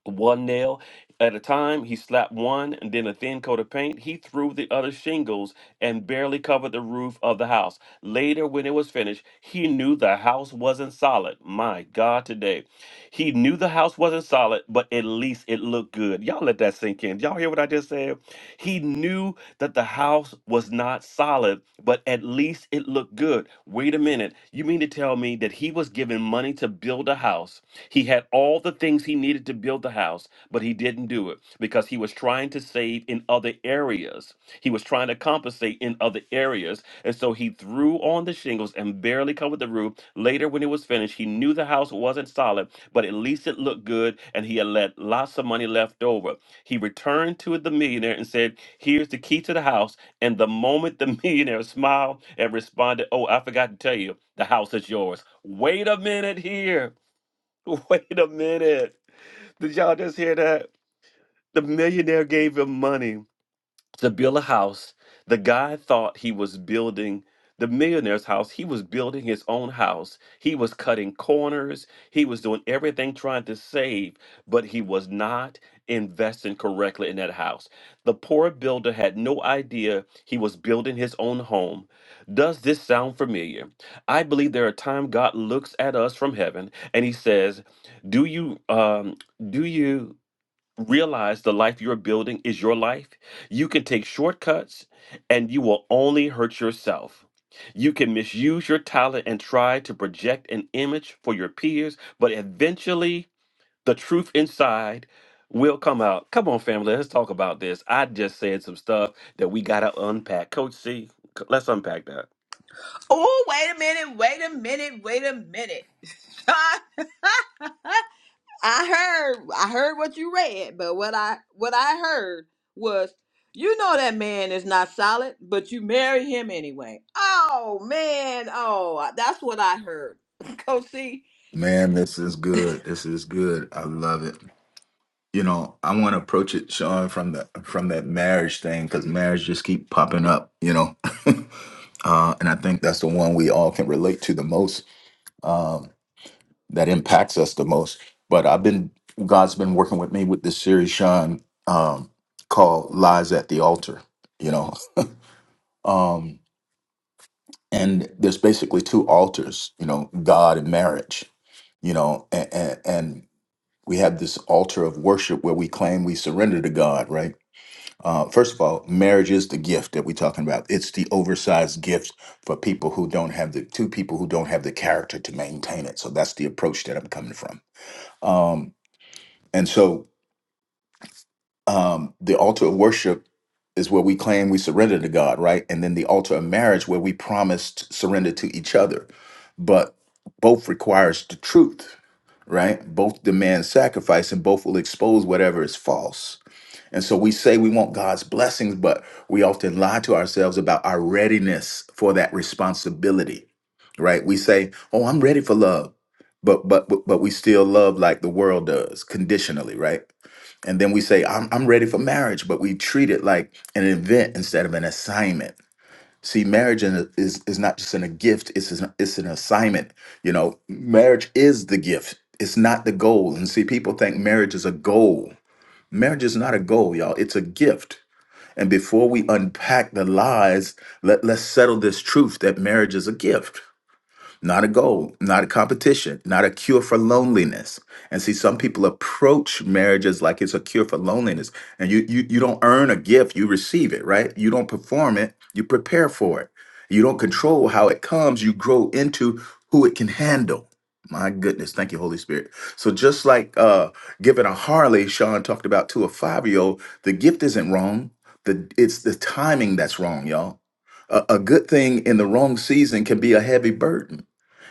Speaker 1: one nail at a time. He slapped one and then a thin coat of paint. He threw the other shingles and barely covered the roof of the house. Later, when it was finished, he knew the house wasn't solid. My God, today. He knew the house wasn't solid, but at least it looked good. Y'all let that sink in. Y'all hear what I just said? He knew that the house was not solid, but at least it looked good. Wait a minute. You mean to tell me that he was giving money to build a house? He had all the things he needed to build build the house, but he didn't do it because he was trying to save in other areas. He was trying to compensate in other areas. And so he threw on the shingles and barely covered the roof. Later, when it was finished, he knew the house wasn't solid, but at least it looked good and he had let lots of money left over. He returned to the millionaire and said, Here's the key to the house. And the moment the millionaire smiled and responded, Oh, I forgot to tell you, the house is yours. Wait a minute here. Wait a minute. Did y'all just hear that? The millionaire gave him money to build a house. The guy thought he was building the millionaire's house. He was building his own house. He was cutting corners. He was doing everything trying to save, but he was not investing correctly in that house. The poor builder had no idea he was building his own home. Does this sound familiar? I believe there are times God looks at us from heaven and he says, "Do you um do you realize the life you're building is your life, you can take shortcuts and you will only hurt yourself. You can misuse your talent and try to project an image for your peers, but eventually the truth inside will come out. Come on, family, let's talk about this. I just said some stuff that we got to unpack. Coach C, c- let's unpack that.
Speaker 2: Oh, wait a minute, wait a minute, wait a minute. Sean. I heard I heard what you read, but what I what I heard was you know that man is not solid, but you marry him anyway. Oh man, oh that's what I heard. Coach C.
Speaker 4: Man, this is good. This is good. I love it. You know, I want to approach it, Sean, from the from that marriage thing because marriage just keep popping up. You know, uh, and I think that's the one we all can relate to the most. Um, that impacts us the most. But I've been God's been working with me with this series, Sean, um, called "Lies at the Altar." You know, um, and there's basically two altars. You know, God and marriage. You know, and and, we have this altar of worship where we claim we surrender to God, right? Uh, first of all, marriage is the gift that we're talking about. It's the oversized gift for people who don't have the two people who don't have the character to maintain it. So that's the approach that I'm coming from. Um, and so um, the altar of worship is where we claim we surrender to God, right? And then the altar of marriage where we promised surrender to each other. But both requires the truth, right? Both demand sacrifice and both will expose whatever is false. And so we say we want God's blessings, but we often lie to ourselves about our readiness for that responsibility, right? We say, "Oh, I'm ready for love." But but but but we still love like the world does, conditionally, right? And then we say, I'm, I'm ready for marriage, but we treat it like an event instead of an assignment. See, marriage in- is, is not just in a gift, it's an, it's an assignment. You know, marriage is the gift, it's not the goal. And see, people think marriage is a goal. Marriage is not a goal, y'all, it's a gift. And before we unpack the lies, let, let's settle this truth that marriage is a gift not a goal, not a competition, not a cure for loneliness. And see, some people approach marriages like it's a cure for loneliness. And you you you don't earn a gift, you receive it, right? You don't perform it, you prepare for it. You don't control how it comes, you grow into who it can handle. My goodness, thank you, Holy Spirit. So just like uh giving a Harley, Sean talked about to a five-year-old, the gift isn't wrong. The it's the timing that's wrong, y'all. A, a good thing in the wrong season can be a heavy burden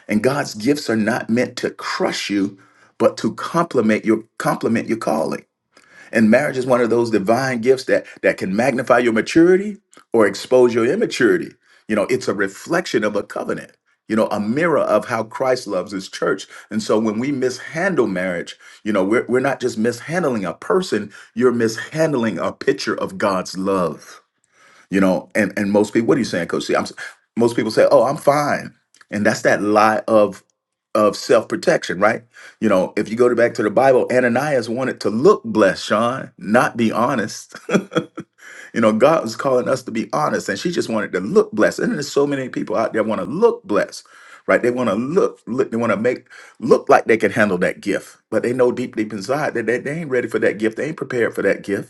Speaker 4: and God's gifts are not meant to crush you, but to complement your complement your calling. And marriage is one of those divine gifts that that can magnify your maturity or expose your immaturity. You know, it's a reflection of a covenant. You know, a mirror of how Christ loves his church. And so when we mishandle marriage, you know, we're, we're not just mishandling a person, you're mishandling a picture of God's love. You know, and and most people, what are you saying, Coach C? I'm s- most people say, "Oh, I'm fine," and that's that lie of of self protection, right? You know, if you go to back to the Bible, Ananias wanted to look blessed, Sean, not be honest. you know, God was calling us to be honest, and she just wanted to look blessed. And there's so many people out there want to look blessed, right? They want to look, look they want to make look like they can handle that gift, but they know deep, deep inside that they, they ain't ready for that gift. They ain't prepared for that gift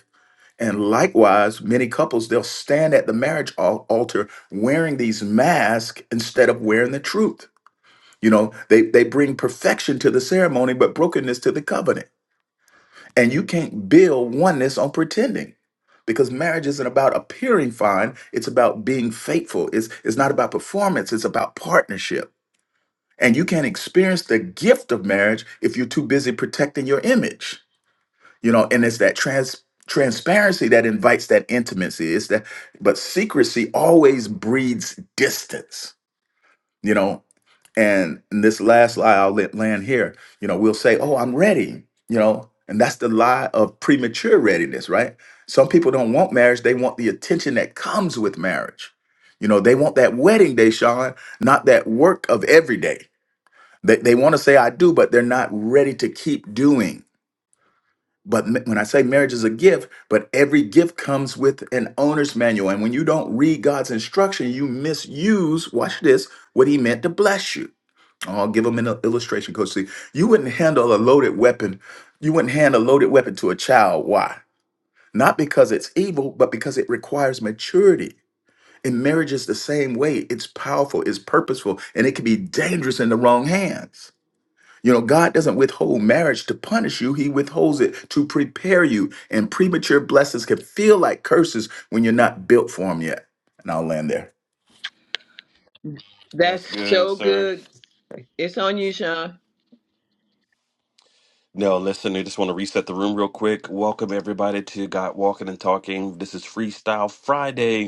Speaker 4: and likewise, many couples, they'll stand at the marriage al- altar wearing these masks instead of wearing the truth. You know, they, they bring perfection to the ceremony, but brokenness to the covenant. And you can't build oneness on pretending because marriage isn't about appearing fine, it's about being faithful. It's, it's not about performance, it's about partnership. And you can't experience the gift of marriage if you're too busy protecting your image you know and it's that trans transparency that invites that intimacy it's that but secrecy always breeds distance you know and in this last lie i'll let land here you know we'll say oh i'm ready you know and that's the lie of premature readiness right some people don't want marriage they want the attention that comes with marriage you know they want that wedding day sean not that work of every day they, they want to say i do but they're not ready to keep doing but ma- when I say marriage is a gift, but every gift comes with an owner's manual. And when you don't read God's instruction, you misuse, watch this, what he meant to bless you. I'll give him an il- illustration, Coach C. You wouldn't handle a loaded weapon. You wouldn't hand a loaded weapon to a child. Why? Not because it's evil, but because it requires maturity. And marriage is the same way. It's powerful, it's purposeful, and it can be dangerous in the wrong hands. You know, God doesn't withhold marriage to punish you, He withholds it to prepare you. And premature blessings can feel like curses when you're not built for them yet. And I'll land there.
Speaker 2: That's
Speaker 1: That's good,
Speaker 2: so
Speaker 1: sir.
Speaker 2: good. It's on you, Sean.
Speaker 1: No, listen, I just want to reset the room real quick. Welcome everybody to Got Walking and Talking. This is Freestyle Friday.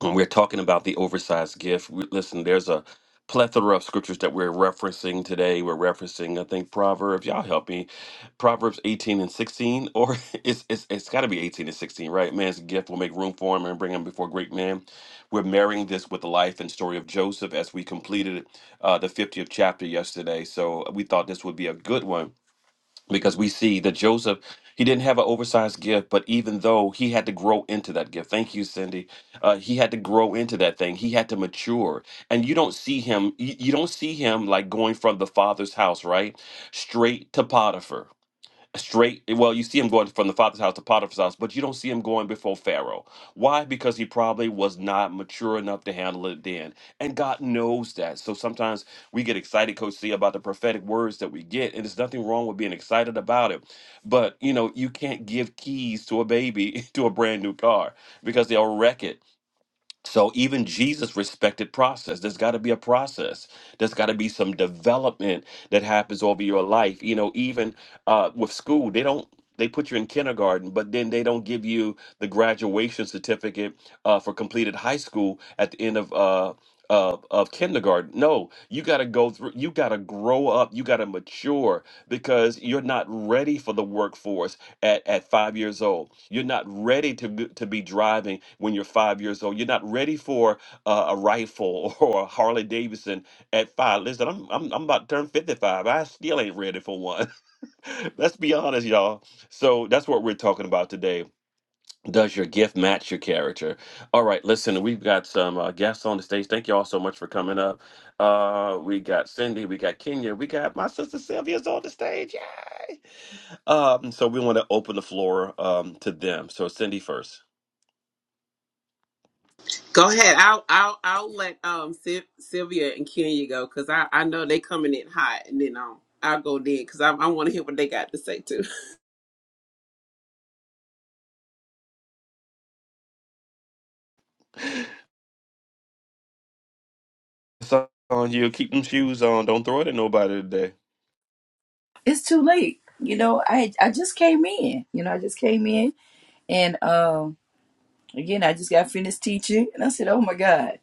Speaker 1: when we're talking about the oversized gift, we, listen, there's a plethora of scriptures that we're referencing today. We're referencing, I think, Proverbs. Y'all help me. Proverbs 18 and 16, or it's it's, it's got to be 18 and 16, right? Man's gift will make room for him and bring him before great men. We're marrying this with the life and story of Joseph as we completed uh, the 50th chapter yesterday. So we thought this would be a good one because we see that Joseph he didn't have an oversized gift, but even though he had to grow into that gift, thank you, Cindy. Uh, he had to grow into that thing. He had to mature, and you don't see him. You, you don't see him like going from the father's house, right, straight to Potiphar straight well you see him going from the father's house to potiphar's house but you don't see him going before pharaoh why because he probably was not mature enough to handle it then and god knows that so sometimes we get excited coach c about the prophetic words that we get and there's nothing wrong with being excited about it but you know you can't give keys to a baby to a brand new car because they'll wreck it so even Jesus respected process. There's got to be a process. There's got to be some development that happens over your life. You know, even uh, with school, they don't. They put you in kindergarten, but then they don't give you the graduation certificate uh, for completed high school at the end of uh, of, of kindergarten. No, you got to go through. You got to grow up. You got to mature because you're not ready for the workforce at, at five years old. You're not ready to, b- to be driving when you're five years old. You're not ready for uh, a rifle or a Harley Davidson at five. Listen, I'm, I'm, I'm about to turn 55. I still ain't ready for one. Let's be honest, y'all. So that's what we're talking about today. Does your gift match your character? All right, listen, we've got some uh, guests on the stage. Thank you all so much for coming up. Uh, we got Cindy, we got Kenya, we got my sister Sylvia's on the stage. Yay! Um, so we want to open the floor um to them. So Cindy first.
Speaker 6: Go ahead. I'll I'll I'll let um Syl- Sylvia and Kenya go because I I know they coming in hot, and then um I'll go then because I I want to hear what they got to say too.
Speaker 1: It's on you. Keep them shoes on. Don't throw it at nobody today.
Speaker 7: it's too late. You know, I I just came in. You know, I just came in, and um, again, I just got finished teaching, and I said, "Oh my God!"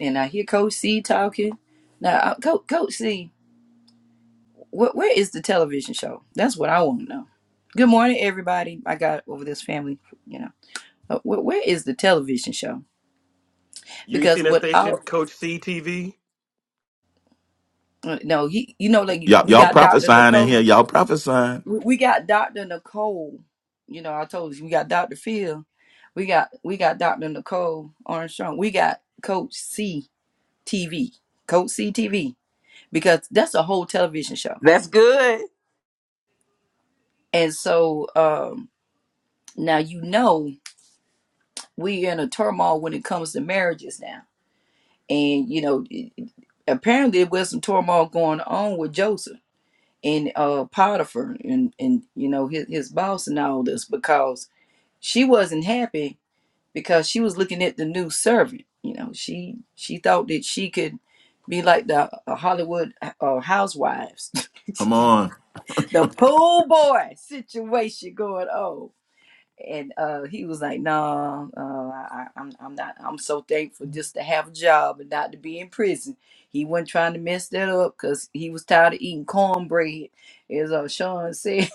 Speaker 7: And I hear Coach C talking. Now, Coach Coach C, wh- where is the television show? That's what I want to know. Good morning, everybody. I got over this family. You know, Uh, wh- where is the television show?
Speaker 1: You ain't seen
Speaker 7: Because
Speaker 1: that
Speaker 7: what? I,
Speaker 1: station, Coach CTV?
Speaker 7: no, he, you know, like
Speaker 4: Y'all,
Speaker 7: we
Speaker 4: y'all
Speaker 7: got Doctor
Speaker 4: prophesying in
Speaker 7: Nicole.
Speaker 4: here. Y'all prophesying.
Speaker 7: we we got Dr. Nicole. You know, I told you we got Dr. Phil. We got we got Dr. Nicole Armstrong. We got Coach CTV, Coach CTV, Because that's a whole television show.
Speaker 6: That's good.
Speaker 7: And so um now you know we're in a turmoil when it comes to marriages now. And you know, it- apparently there was some turmoil going on with Joseph and uh Potiphar and and you know his, his boss and all this because she wasn't happy because she was looking at the new servant. You know, she she thought that she could be like the uh, Hollywood uh, uh, housewives,
Speaker 4: Come on.
Speaker 7: the pool boy situation going on. And uh, he was like, "No, uh, I, I'm I'm not. I'm so thankful just to have a job and not to be in prison." He wasn't trying to mess that up because he was tired of eating cornbread, as uh, Sean said.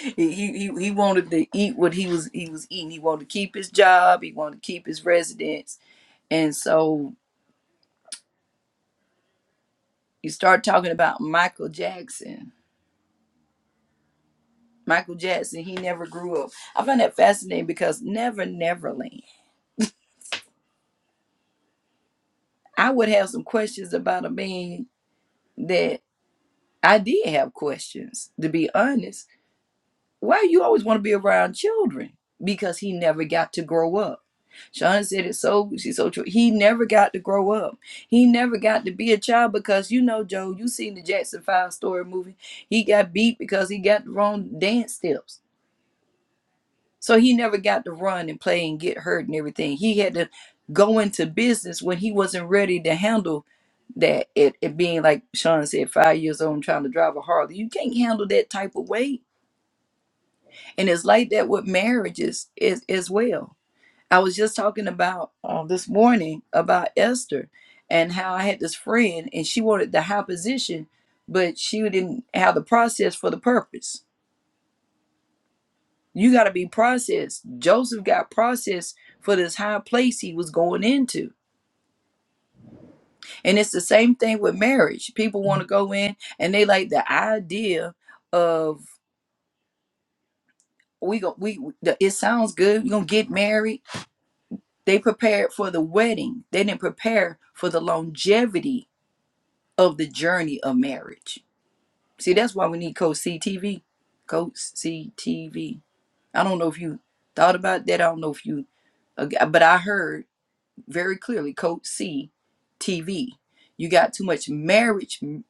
Speaker 7: he, he he he wanted to eat what he was he was eating. He wanted to keep his job. He wanted to keep his residence And so you start talking about Michael Jackson. Michael Jackson, he never grew up. I find that fascinating because Never Neverland. I would have some questions about a man that I did have questions, to be honest. Why you always want to be around children? Because he never got to grow up. Sean said it so she's so true. He never got to grow up. He never got to be a child because you know, Joe, you seen the Jackson Five story movie. He got beat because he got the wrong dance steps So he never got to run and play and get hurt and everything. He had to go into business when he wasn't ready to handle that. It, it being like Sean said, five years old and trying to drive a Harley. You can't handle that type of weight. And it's like that with marriages as, as well. I was just talking about uh, this morning about Esther and how I had this friend and she wanted the high position, but she didn't have the process for the purpose. You got to be processed. Joseph got processed for this high place he was going into. And it's the same thing with marriage. People want to go in and they like the idea of we go we the, it sounds good. We're going to get married. They prepared for the wedding. They didn't prepare for the longevity of the journey of marriage. See, that's why we need Coach CTV. Coach CTV. I don't know if you thought about that. I don't know if you uh, but I heard very clearly code c tv you got too much marriage m-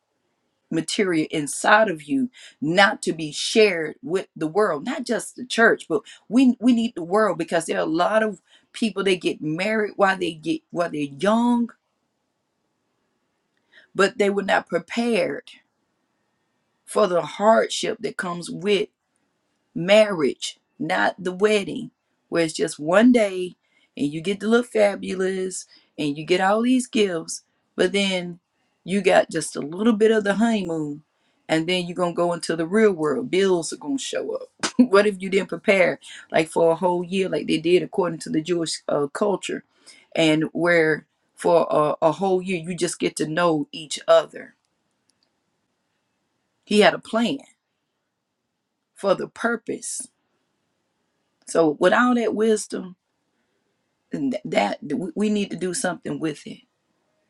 Speaker 7: material inside of you not to be shared with the world not just the church but we we need the world because there are a lot of people they get married while they get while they're young but they were not prepared for the hardship that comes with marriage, not the wedding, where it's just one day and you get to look fabulous and you get all these gifts, but then you got just a little bit of the honeymoon and then you're going to go into the real world. Bills are going to show up. what if you didn't prepare like for a whole year, like they did according to the Jewish uh, culture, and where for a, a whole year you just get to know each other? He had a plan for the purpose. So, with all that wisdom, and th- that we we need to do something with it.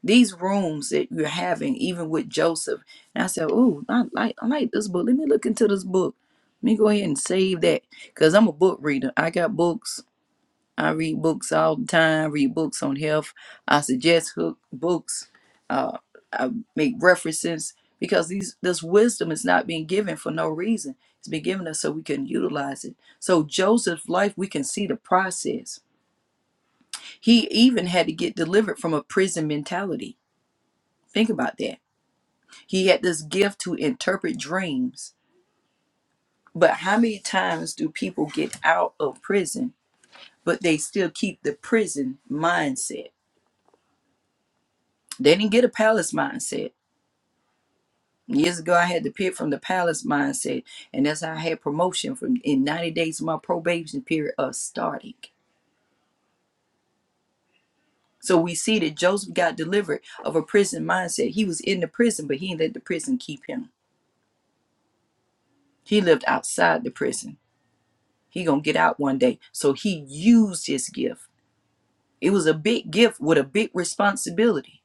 Speaker 7: These rooms that you're having, even with Joseph, and I said, "Oh, I like I like this book. Let me look into this book. Let me go ahead and save that because I'm a book reader. I got books. I read books all the time. I read books on health. I suggest hook books. Uh, I make references because these this wisdom is not being given for no reason. It's been given us so we can utilize it. So Joseph's life, we can see the process he even had to get delivered from a prison mentality. Think about that. He had this gift to interpret dreams. But how many times do people get out of prison, but they still keep the prison mindset? They didn't get a palace mindset. Years ago, I had to pick from the palace mindset, and that's how I had promotion from in 90 days of my probation period of starting. So we see that Joseph got delivered of a prison mindset. He was in the prison, but he didn't let the prison keep him. He lived outside the prison. He gonna get out one day. So he used his gift. It was a big gift with a big responsibility.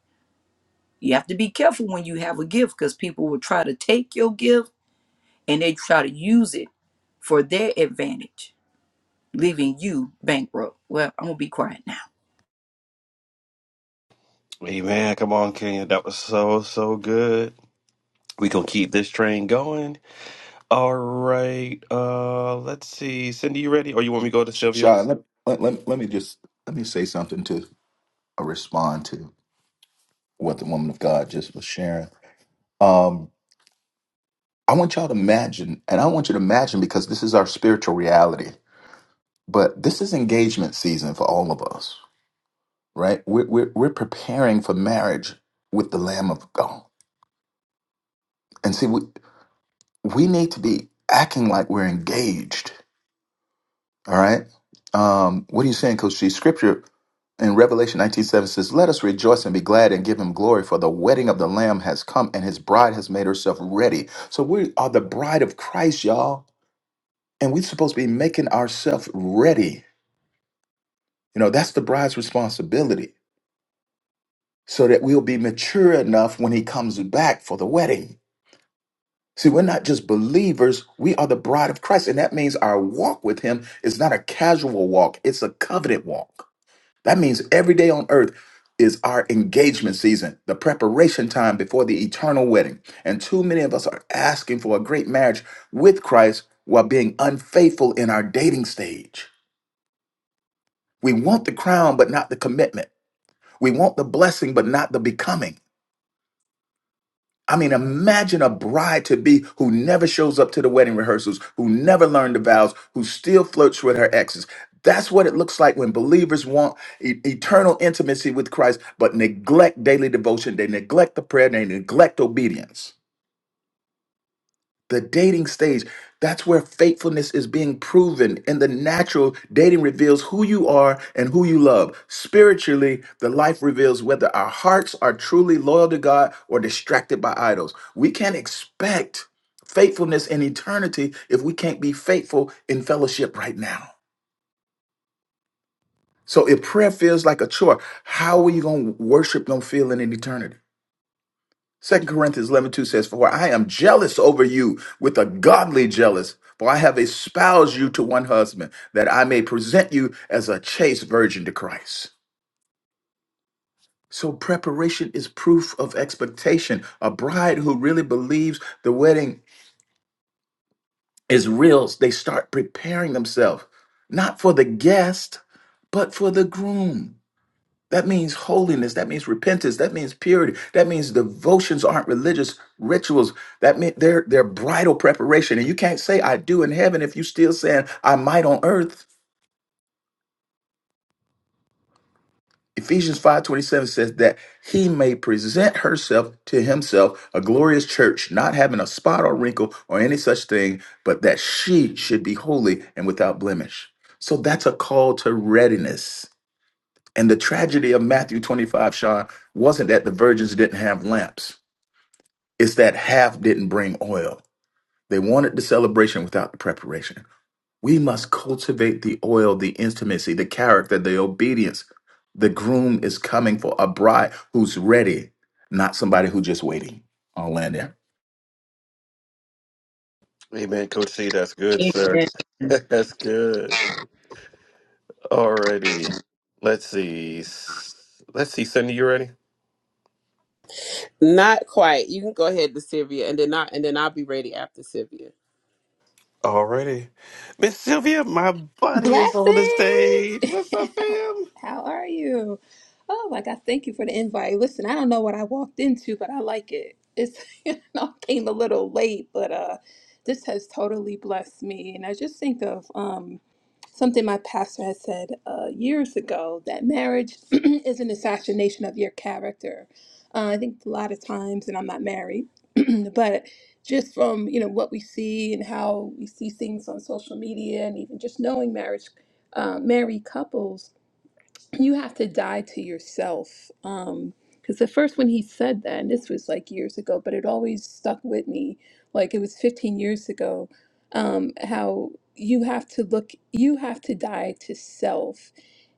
Speaker 7: You have to be careful when you have a gift because people will try to take your gift and they try to use it for their advantage, leaving you bankrupt. Well, I'm gonna be quiet now.
Speaker 1: Hey man, come on, Kenya. That was so so good. We gonna keep this train going. All right. Uh, let's see. Cindy, you ready? Or you want me to go to Sylvia?
Speaker 4: Sean, let, let, let, let me just let me say something to uh, respond to what the woman of God just was sharing. Um, I want y'all to imagine, and I want you to imagine because this is our spiritual reality, but this is engagement season for all of us right? We're, we're, we're preparing for marriage with the Lamb of God. And see, we, we need to be acting like we're engaged, all right? Um, what are you saying, Coach G? Scripture in Revelation 19 7 says, Let us rejoice and be glad and give him glory, for the wedding of the Lamb has come and his bride has made herself ready. So we are the bride of Christ, y'all. And we're supposed to be making ourselves ready. You know, that's the bride's responsibility so that we'll be mature enough when he comes back for the wedding. See, we're not just believers, we are the bride of Christ. And that means our walk with Him is not a casual walk, it's a covenant walk. That means every day on earth is our engagement season, the preparation time before the eternal wedding. And too many of us are asking for a great marriage with Christ while being unfaithful in our dating stage. We want the crown, but not the commitment. We want the blessing, but not the becoming. I mean, imagine a bride to be who never shows up to the wedding rehearsals, who never learned the vows, who still flirts with her exes. That's what it looks like when believers want e- eternal intimacy with Christ, but neglect daily devotion. They neglect the prayer, they neglect obedience. The dating stage, that's where faithfulness is being proven. In the natural dating reveals who you are and who you love. Spiritually, the life reveals whether our hearts are truly loyal to God or distracted by idols. We can't expect faithfulness in eternity if we can't be faithful in fellowship right now. So if prayer feels like a chore, how are you going to worship, going to feel in an eternity? Second Corinthians 11 2 says, For I am jealous over you with a godly jealous, for I have espoused you to one husband, that I may present you as a chaste virgin to Christ. So preparation is proof of expectation. A bride who really believes the wedding is real, they start preparing themselves, not for the guest, but for the groom. That means holiness. That means repentance. That means purity. That means devotions aren't religious rituals. That means they're they're bridal preparation. And you can't say I do in heaven if you're still saying I might on earth. Ephesians 5:27 says that he may present herself to himself a glorious church, not having a spot or wrinkle or any such thing, but that she should be holy and without blemish. So that's a call to readiness. And the tragedy of Matthew 25, Sean, wasn't that the virgins didn't have lamps. It's that half didn't bring oil. They wanted the celebration without the preparation. We must cultivate the oil, the intimacy, the character, the obedience. The groom is coming for a bride who's ready, not somebody who just waiting. I'll land there.
Speaker 1: Hey man, Coach C, that's good, sir.
Speaker 2: Amen.
Speaker 1: that's good. Alrighty. Let's see. Let's see, Cindy, you ready?
Speaker 6: Not quite. You can go ahead to Sylvia, and then I and then I'll be ready after Sylvia.
Speaker 1: Alrighty. Miss Sylvia, my buddy is on
Speaker 8: Blessings!
Speaker 1: the stage. What's up,
Speaker 8: how,
Speaker 1: fam?
Speaker 8: how are you? Oh my God, thank you for the invite. Listen, I don't know what I walked into, but I like it. It's you know, I came a little late, but uh this has totally blessed me. And I just think of um something my pastor had said uh, years ago that marriage is an assassination of your character. Uh, I think a lot of times, and I'm not married, but just from you know what we see and how we see things on social media and even just knowing marriage uh, married couples you have to die to yourself um because the first when he said that and this was like years ago but it always stuck with me like it was 15 years ago um how you have to look you have to die to self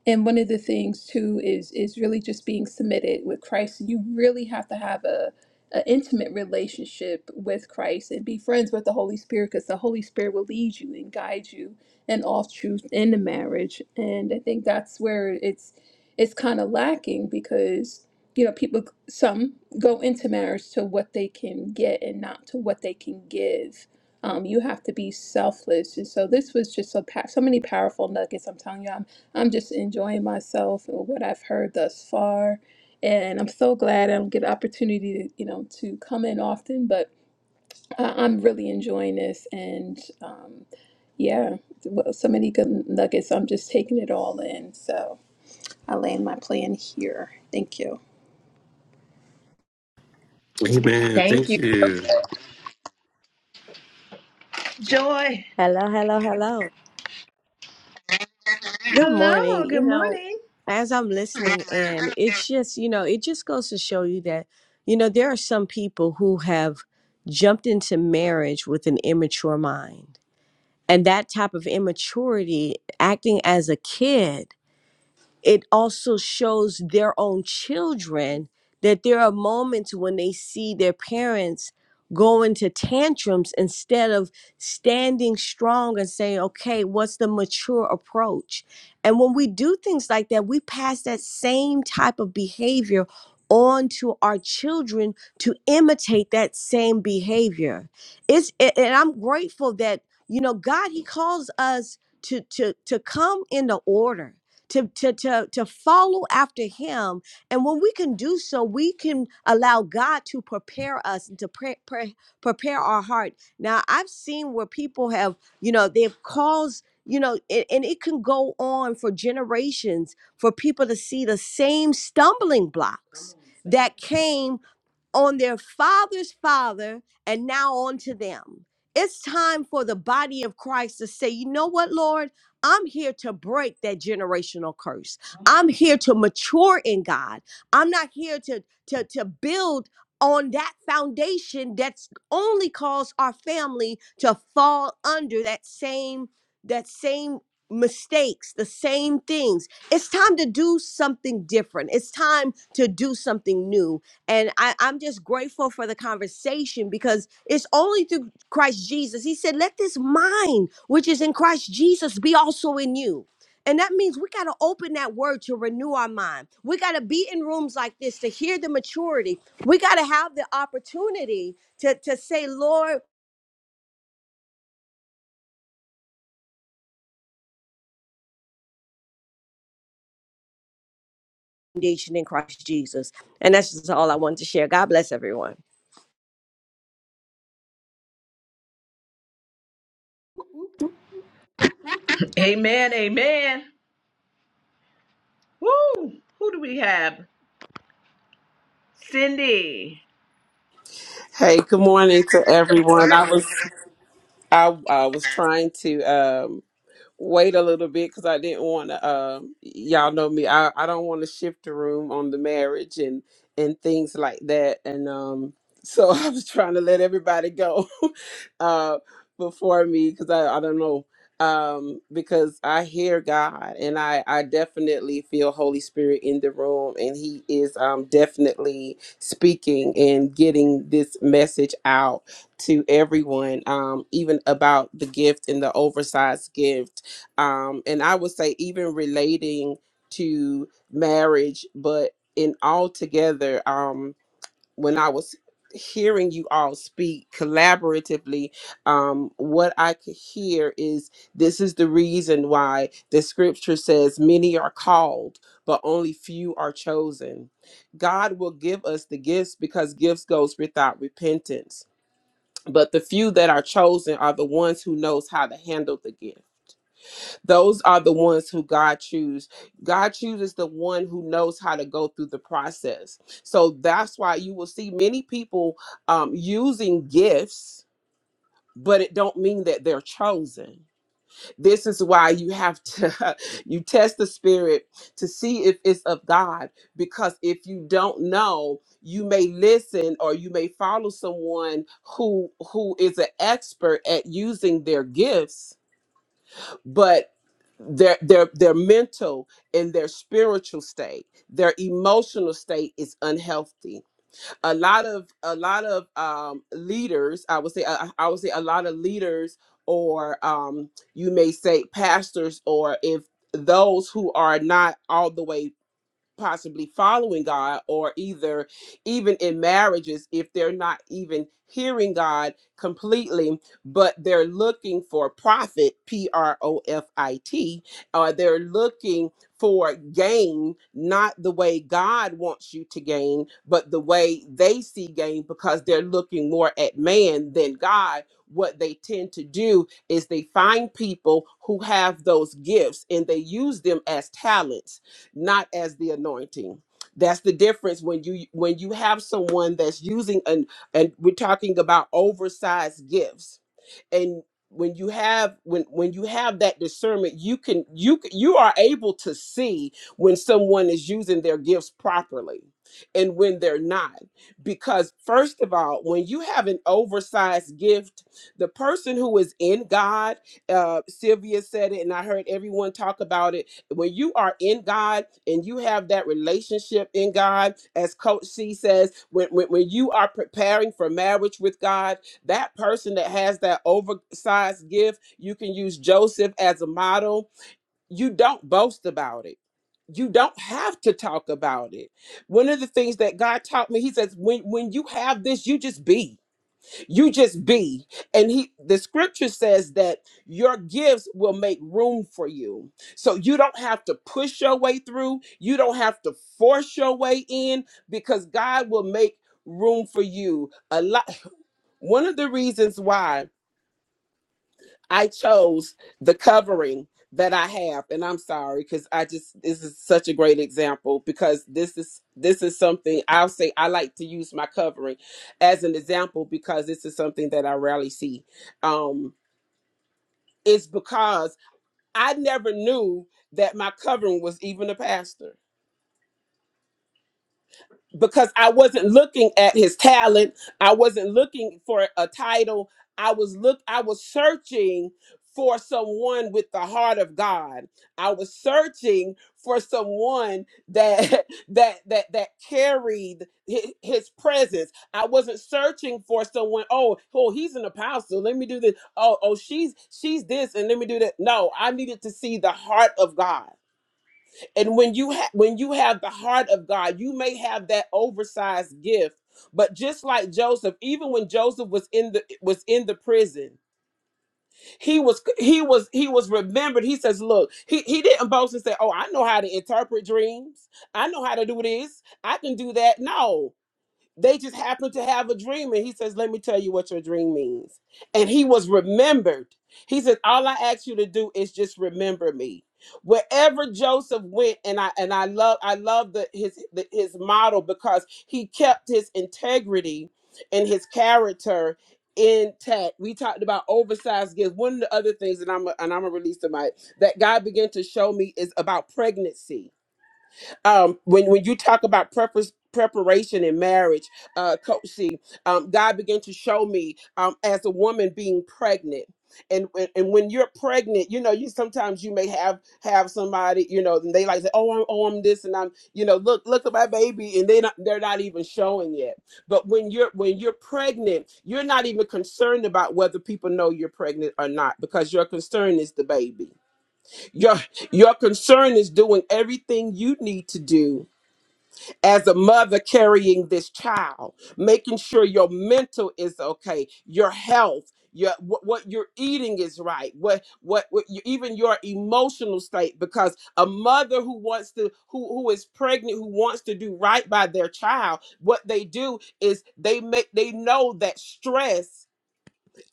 Speaker 8: and one of the things too is is really just being submitted with Christ. You really have to have a an intimate relationship with Christ and be friends with the Holy Spirit because the Holy Spirit will lead you and guide you in all truth in the marriage. And I think that's where it's it's kind of lacking because you know people some go into marriage to what they can get and not to what they can give. Um, you have to be selfless, and so this was just so pa- so many powerful nuggets. I'm telling you, I'm I'm just enjoying myself and what I've heard thus far. And I'm so glad I don't get the opportunity to, you know, to come in often, but I- I'm really enjoying this. And um, yeah, well, so many good nuggets. I'm just taking it all in. So I land my plan here. Thank you.
Speaker 1: Amen.
Speaker 2: Thank
Speaker 1: Thank
Speaker 2: you.
Speaker 1: you.
Speaker 2: Joy.
Speaker 9: Hello, hello, hello. Good
Speaker 2: Hello.
Speaker 9: morning. You
Speaker 2: Good
Speaker 9: know,
Speaker 2: morning.
Speaker 9: as I'm listening in, it's just, you know, it just goes to show you that, you know, there are some people who have jumped into marriage with an immature mind. And that type of immaturity, acting as a kid, it also shows their own children that there are moments when they see their parents go into tantrums instead of standing strong and saying, okay, what's the mature approach? And when we do things like that, we pass that same type of behavior on to our children to imitate that same behavior. It's a- and I'm grateful that, you know, God, He calls us to to to come into order to, to, to, to follow after him. And when we can do so, we can allow God to prepare us and to pre- pre- prepare our heart. Now, I've seen where people have, you know, they've caused, you know, and, and it can go on for generations for people to see the same stumbling blocks that came on their father's father and now on to them. It's time for the body of Christ to say, you know what, Lord? I'm here to break that generational curse. I'm here to mature in God. I'm not here to, to, to build on that foundation that's only caused our family to fall under that same, that same mistakes, the same things. It's time to do something different. It's time to do something new and I, I'm just grateful for the conversation because it's only through Christ Jesus. He said, Let this mind, which is in Christ Jesus, be also in you. And that means we got to open that word to renew our mind. We got to be in rooms like this to hear the maturity. We got to have the opportunity to, to say, Lord, foundation in Christ Jesus. And that's just all I wanted to share. God bless everyone.
Speaker 2: Amen. Amen. Woo! Who do we have? Cindy.
Speaker 6: Hey, good morning to everyone. I was I I was trying to. um. wait a little bit because I didn't want to. Um, y'all know me. I, I don't want to shift the room on the marriage and and things like that. And um, so I was trying to let everybody go uh, before me because I I don't know um because i hear god and i i definitely feel holy spirit in the room and he is um definitely speaking and getting this message out to everyone um even about the gift and the oversized gift um, and I would say even relating to marriage, but in altogether, um, when I was hearing you all speak collaboratively, um, what I could hear is this is the reason why the scripture says many are called, but only few are chosen. God will give us the gifts because gifts goes without repentance. But the few that are chosen are the ones who knows how to handle the gift those are the ones who God chooses. God chooses the one who knows how to go through the process. So that's why you will see many people um, using gifts, but it don't mean that they're chosen. This is why you have to you test the spirit to see if it's of God. Because if you don't know, you may listen or you may follow someone who who is an expert at using their gifts but their their their mental and their spiritual state their emotional state is unhealthy a lot of a lot of um leaders i would say i, I would say a lot of leaders or um you may say pastors or if those who are not all the way possibly following God or either even in marriages if they're not even hearing God completely but they're looking for profit P R O F I T or they're looking for gain not the way God wants you to gain but the way they see gain because they're looking more at man than God what they tend to do is they find people who have those gifts and they use them as talents not as the anointing. That's the difference when you when you have someone that's using an and we're talking about oversized gifts and when you have when when you have that discernment you can you c- you are able to see when someone is using their gifts properly and when they're not because first of all when you have an oversized gift the person who is in god uh sylvia said it and i heard everyone talk about it when you are in god and you have that relationship in god as coach c says when when, when you are preparing for marriage with god that person that has that oversized gift, you can use Joseph as a model. You don't boast about it. You don't have to talk about it. One of the things that God taught me, he says, when when you have this, you just be. You just be. And he the scripture says that your gifts will make room for you. So you don't have to push your way through. You don't have to force your way in because God will make room for you. A lot one of the reasons why I chose the covering that I have, and I'm sorry because I just this is such a great example because this is this is something I'll say I like to use my covering as an example because this is something that I rarely see. Um, it's because I never knew that my covering was even a pastor. because I wasn't looking at his talent. I wasn't looking for a title. I was look I was searching for someone with the heart of God. I was searching for someone that that that that carried his, his presence. I wasn't searching for someone, oh, oh, he's an apostle. Let me do this. Oh, oh, she's she's this and let me do that. No, I needed to see the heart of God and when you ha- when you have the heart of God, you may have that oversized gift. But just like Joseph, even when Joseph was in the was in the prison, he was he was he was remembered. He says, "Look, he he didn't boast and say, 'Oh, I know how to interpret dreams. I know how to do this. I can do that." No. They just happened to have a dream, and he says, Let me tell you what your dream means. And he was remembered. He said, All I ask you to do is just remember me. Wherever Joseph went, and I and I love I love the his the, his model because he kept his integrity and his character intact. We talked about oversized gifts. One of the other things that I'm and I'm gonna release the mic that God began to show me is about pregnancy um, when when you talk about preface preparation in marriage uh coach C, um god began to show me um as a woman being pregnant and when- and when you're pregnant you know you sometimes you may have have somebody you know and they like say oh I'm, oh I'm this and I'm you know look look at my baby and they not, they're not even showing yet. but when you're when you're pregnant you're not even concerned about whether people know you're pregnant or not because your concern is the baby your your concern is doing everything you need to do as a mother carrying this child, making sure your mental is okay, your health, your what, what you're eating is right, what what, what you, even your emotional state. Because a mother who wants to who who is pregnant who wants to do right by their child, what they do is they make they know that stress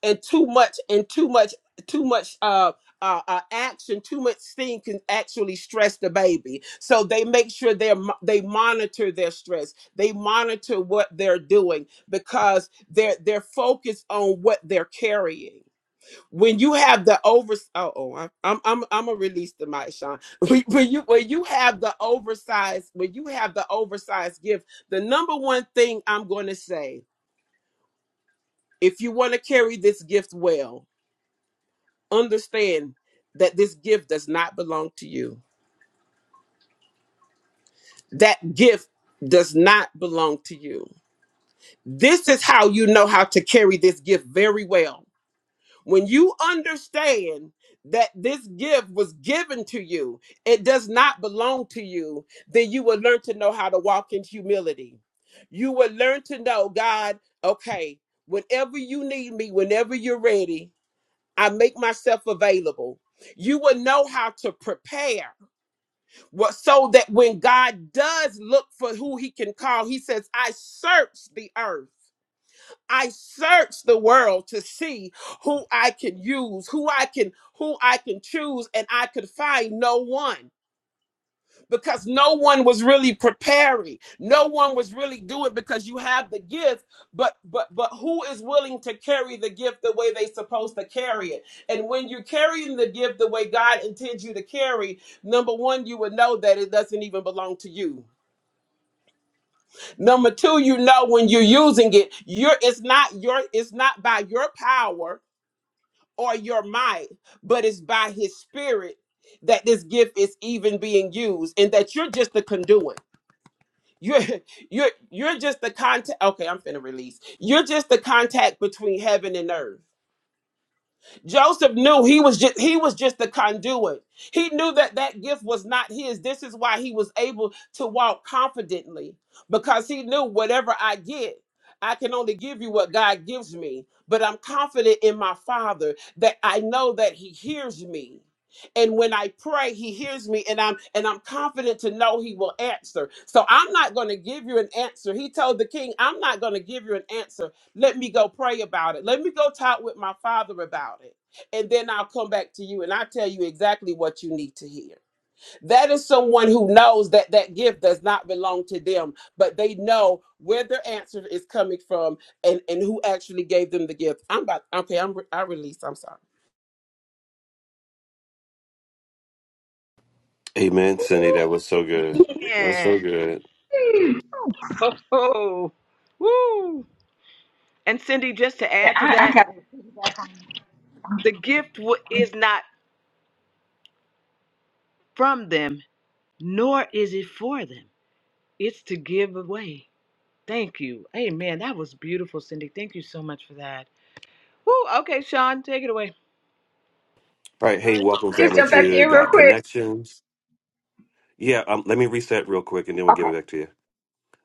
Speaker 6: and too much and too much too much uh uh, uh, action too much thing can actually stress the baby so they make sure they they monitor their stress they monitor what they're doing because they're they're focused on what they're carrying when you have the over oh, oh I- i'm i'm i'm gonna release the mic sean when when you when you have the oversized when you have the oversized gift the number one thing i'm going to say if you want to carry this gift well understand that this gift does not belong to you. That gift does not belong to you. This is how you know how to carry this gift very well. When you understand that this gift was given to you, it does not belong to you, then you will learn to know how to walk in humility. You will learn to know, God, okay, whenever you need me, whenever you're ready, I make myself available. You will know how to prepare Well, so that when God does look for who he can call, he says, I search the earth. I search the world to see who I can use, who I can, who I can choose, and I could find no one because no one was really preparing no one was really doing it, because you have the gift but but but who is willing to carry the gift the way they are supposed to carry it and when you're carrying the gift the way god intends you to carry number one you would know that it doesn't even belong to you number two you know when you're using it you're it's not your it's not by your power or your might but it's by his spirit that this gift is even being used and that you're just the conduit You're you're you're just the contact. Okay, I'm finna release. You're just the contact between heaven and earth. Joseph knew he was just he was just the conduit. He knew that that gift was not his. This is why he was able to walk confidently because he knew whatever I get, I can only give you what God gives me. But I'm confident in my Father that I know that he hears me. And when I pray, he hears me and I'm and I'm confident to know he will answer. So I'm not going to give you an answer. He told the king, I'm not going to give you an answer. Let me go pray about it. Let me go talk with my father about it and then I'll come back to you and I'll tell you exactly what you need to hear. That is someone who knows that that gift does not belong to them, but they know where their answer is coming from and and who actually gave them the gift. I'm about okay. I'm I release. I'm sorry.
Speaker 1: Amen, Cindy. That was so good. That was
Speaker 2: Yeah.
Speaker 1: so good.
Speaker 2: Oh, oh. woo! And Cindy, just to
Speaker 5: Yeah,
Speaker 2: add to
Speaker 5: I, I
Speaker 2: that,
Speaker 5: got
Speaker 2: The gift w- is not from them, nor is it for them. It's to give away. Thank you. Amen. That was beautiful, Cindy. Thank you so much for that. Woo, okay, Sean, take it away.
Speaker 1: All right. Hey, welcome,
Speaker 5: just
Speaker 1: family,
Speaker 5: jump back
Speaker 1: to
Speaker 5: in real
Speaker 1: Got
Speaker 5: quick.
Speaker 1: Connections. Yeah, um, let me reset real quick and then we'll
Speaker 5: Okay,
Speaker 1: give it back to you.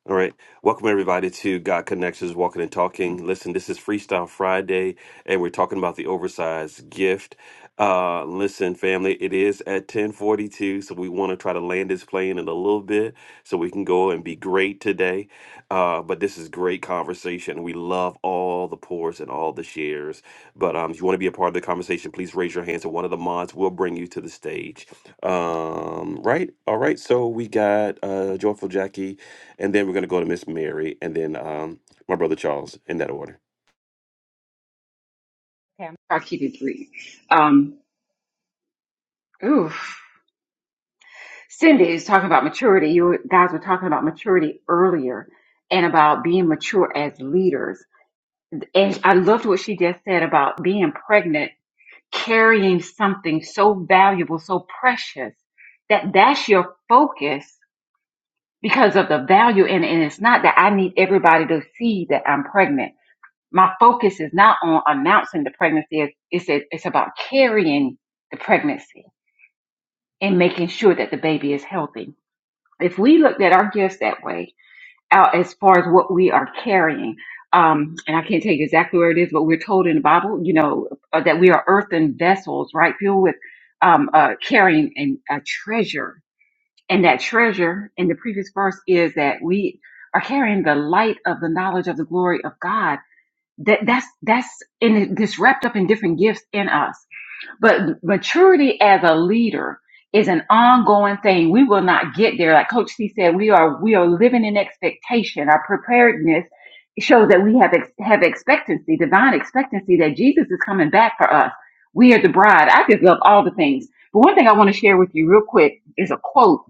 Speaker 1: All right. Welcome, everybody, to God Connections Walking and Talking. Listen, this is Freestyle Friday, and we're talking about the oversized gift. Uh, listen, family, it is at 1042, so we want to try to land this plane in a little bit so we can go and be great today. Uh, but this is great conversation. We love all the pours and all the shares. But um, if you want to be a part of the conversation, please raise your hands, and one of the mods will bring you to the stage. Um, right? All right. So we got uh, Joyful Jackie and then we're going to go to Miss Mary, and then um, my brother Charles in that order.
Speaker 5: okay, I'm trying to keep it brief. Um, oof. Cindy is talking about maturity. You guys were talking about maturity earlier and about being mature as leaders And I loved what she just said about being pregnant, carrying something so valuable, so precious, that that's your focus because of the value in it. And it's not that I need everybody to see that I'm pregnant. My focus is not on announcing the pregnancy. It's, it's, it's about carrying the pregnancy and making sure that the baby is healthy. If we looked at our gifts that way, out as far as what we are carrying. Um, and I can't tell you exactly where it is, but we're told in the Bible, you know, uh, that we are earthen vessels, right? Filled with um, uh, carrying and a treasure. And that treasure in the previous verse is that we are carrying the light of the knowledge of the glory of God. That that's that's in this wrapped up in different gifts in us but maturity as a leader is an ongoing thing. We will not get there. Like Coach C said, we are we are living in expectation. Our preparedness shows that we have ex- have expectancy, divine expectancy that Jesus is coming back for us. We are the bride. I just love all the things. But one thing I want to share with you real quick is a quote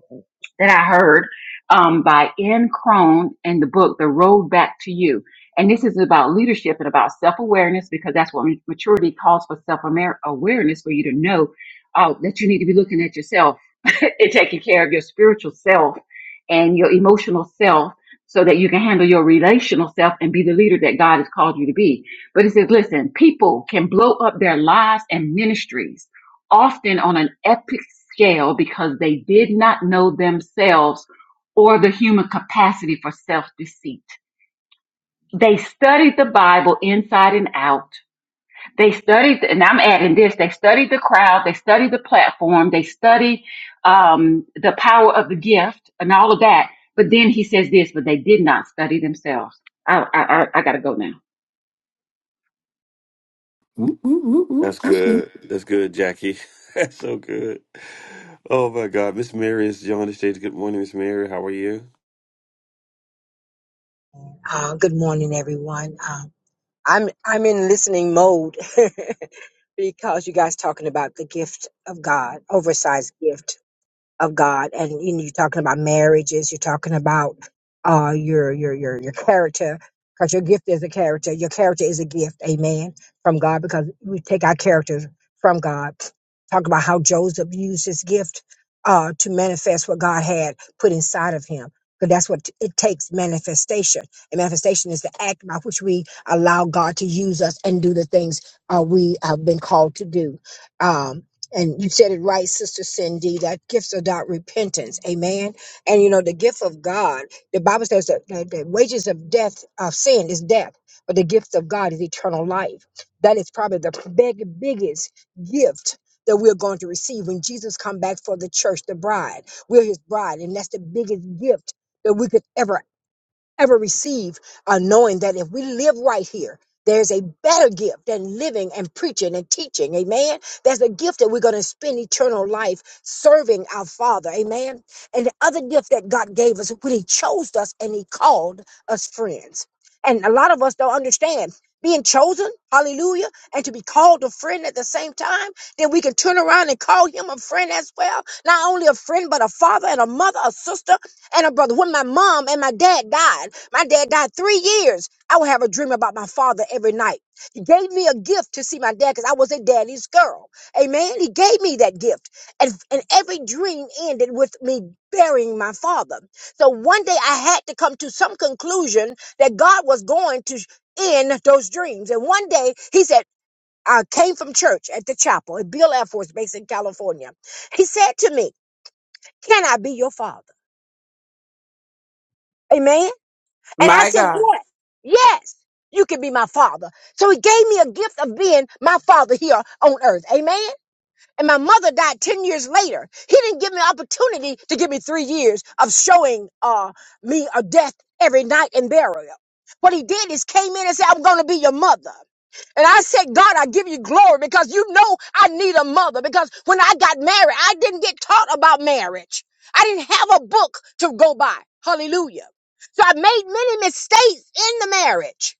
Speaker 5: that I heard um, by N. Crone in the book The Road Back to You. And this is about leadership and about self awareness because that's what maturity calls for self awareness for you to know uh, that you need to be looking at yourself and taking care of your spiritual self and your emotional self so that you can handle your relational self and be the leader that God has called you to be. But it says, listen, people can blow up their lives and ministries often on an epic scale because they did not know themselves or the human capacity for self deceit they studied the Bible inside and out. They studied, and I'm adding this, they studied the crowd, they studied the platform, they studied um, the power of the gift and all of that. But then he says this, but they did not study themselves. I, I, I, I got to go now.
Speaker 4: Woo, woo, woo, woo,
Speaker 1: That's
Speaker 4: That's
Speaker 1: good. That's good, Jackie. That's so good. Oh my God, Miss Mary is on the stage. Good morning, Miss Mary. How are you?
Speaker 10: Uh, good morning, everyone. Um, I'm I'm in listening mode because you guys talking about the gift of God, oversized gift of God. And, and you're talking about marriages, you're talking about uh, your, your, your, your character, because your gift is a character. Your character is a gift, amen, from God, because we take our characters from God. Talk about how Joseph used his gift uh, to manifest what God had put inside of him. Because that's what it takes manifestation. And manifestation is the act by which we allow God to use us and do the things uh, we have been called to do. Um, and you said it right, Sister Cindy, that gifts are not repentance. Amen. And you know, the gift of God, the Bible says that the, the wages of death, of sin is death, but the gift of God is eternal life. That is probably the big, biggest gift that we're going to receive when Jesus come back for the church, the bride. We're his bride, and that's the biggest gift that we could ever ever receive, uh, knowing that if we live right here, there's a better gift than living and preaching and teaching. Amen. There's a gift that we're going to spend eternal life serving our Father. Amen. And the other gift that God gave us when He chose us and He called us friends. And a lot of us don't understand being chosen, hallelujah, and to be called a friend at the same time, then we can turn around and call him a friend as well. Not only a friend, but a father and a mother, a sister, and a brother. When my mom and my dad died, my dad died three years. I would have a dream about my father every night. He gave me a gift to see my dad because I was a daddy's girl. Amen. He gave me that gift. And, and every dream ended with me burying my father. So one day I had to come to some conclusion that God was going to end those dreams. And one day he said, I came from church at the chapel at Bill Air Force Base in California. He said to me, Can I be your father? Amen. And I
Speaker 6: My
Speaker 10: said,
Speaker 6: God,
Speaker 10: Yes, yes, you can be my father. So he gave me a gift of being my father here on earth. Amen. And my mother died 10 years later. He didn't give me an opportunity to give me three years of showing uh, me a death every night and burial. What he did is came in and said, I'm going to be your mother. And I said, God, I give you glory because you know I need a mother. Because when I got married, I didn't get taught about marriage. I didn't have a book to go by. Hallelujah. So I made many mistakes in the marriage.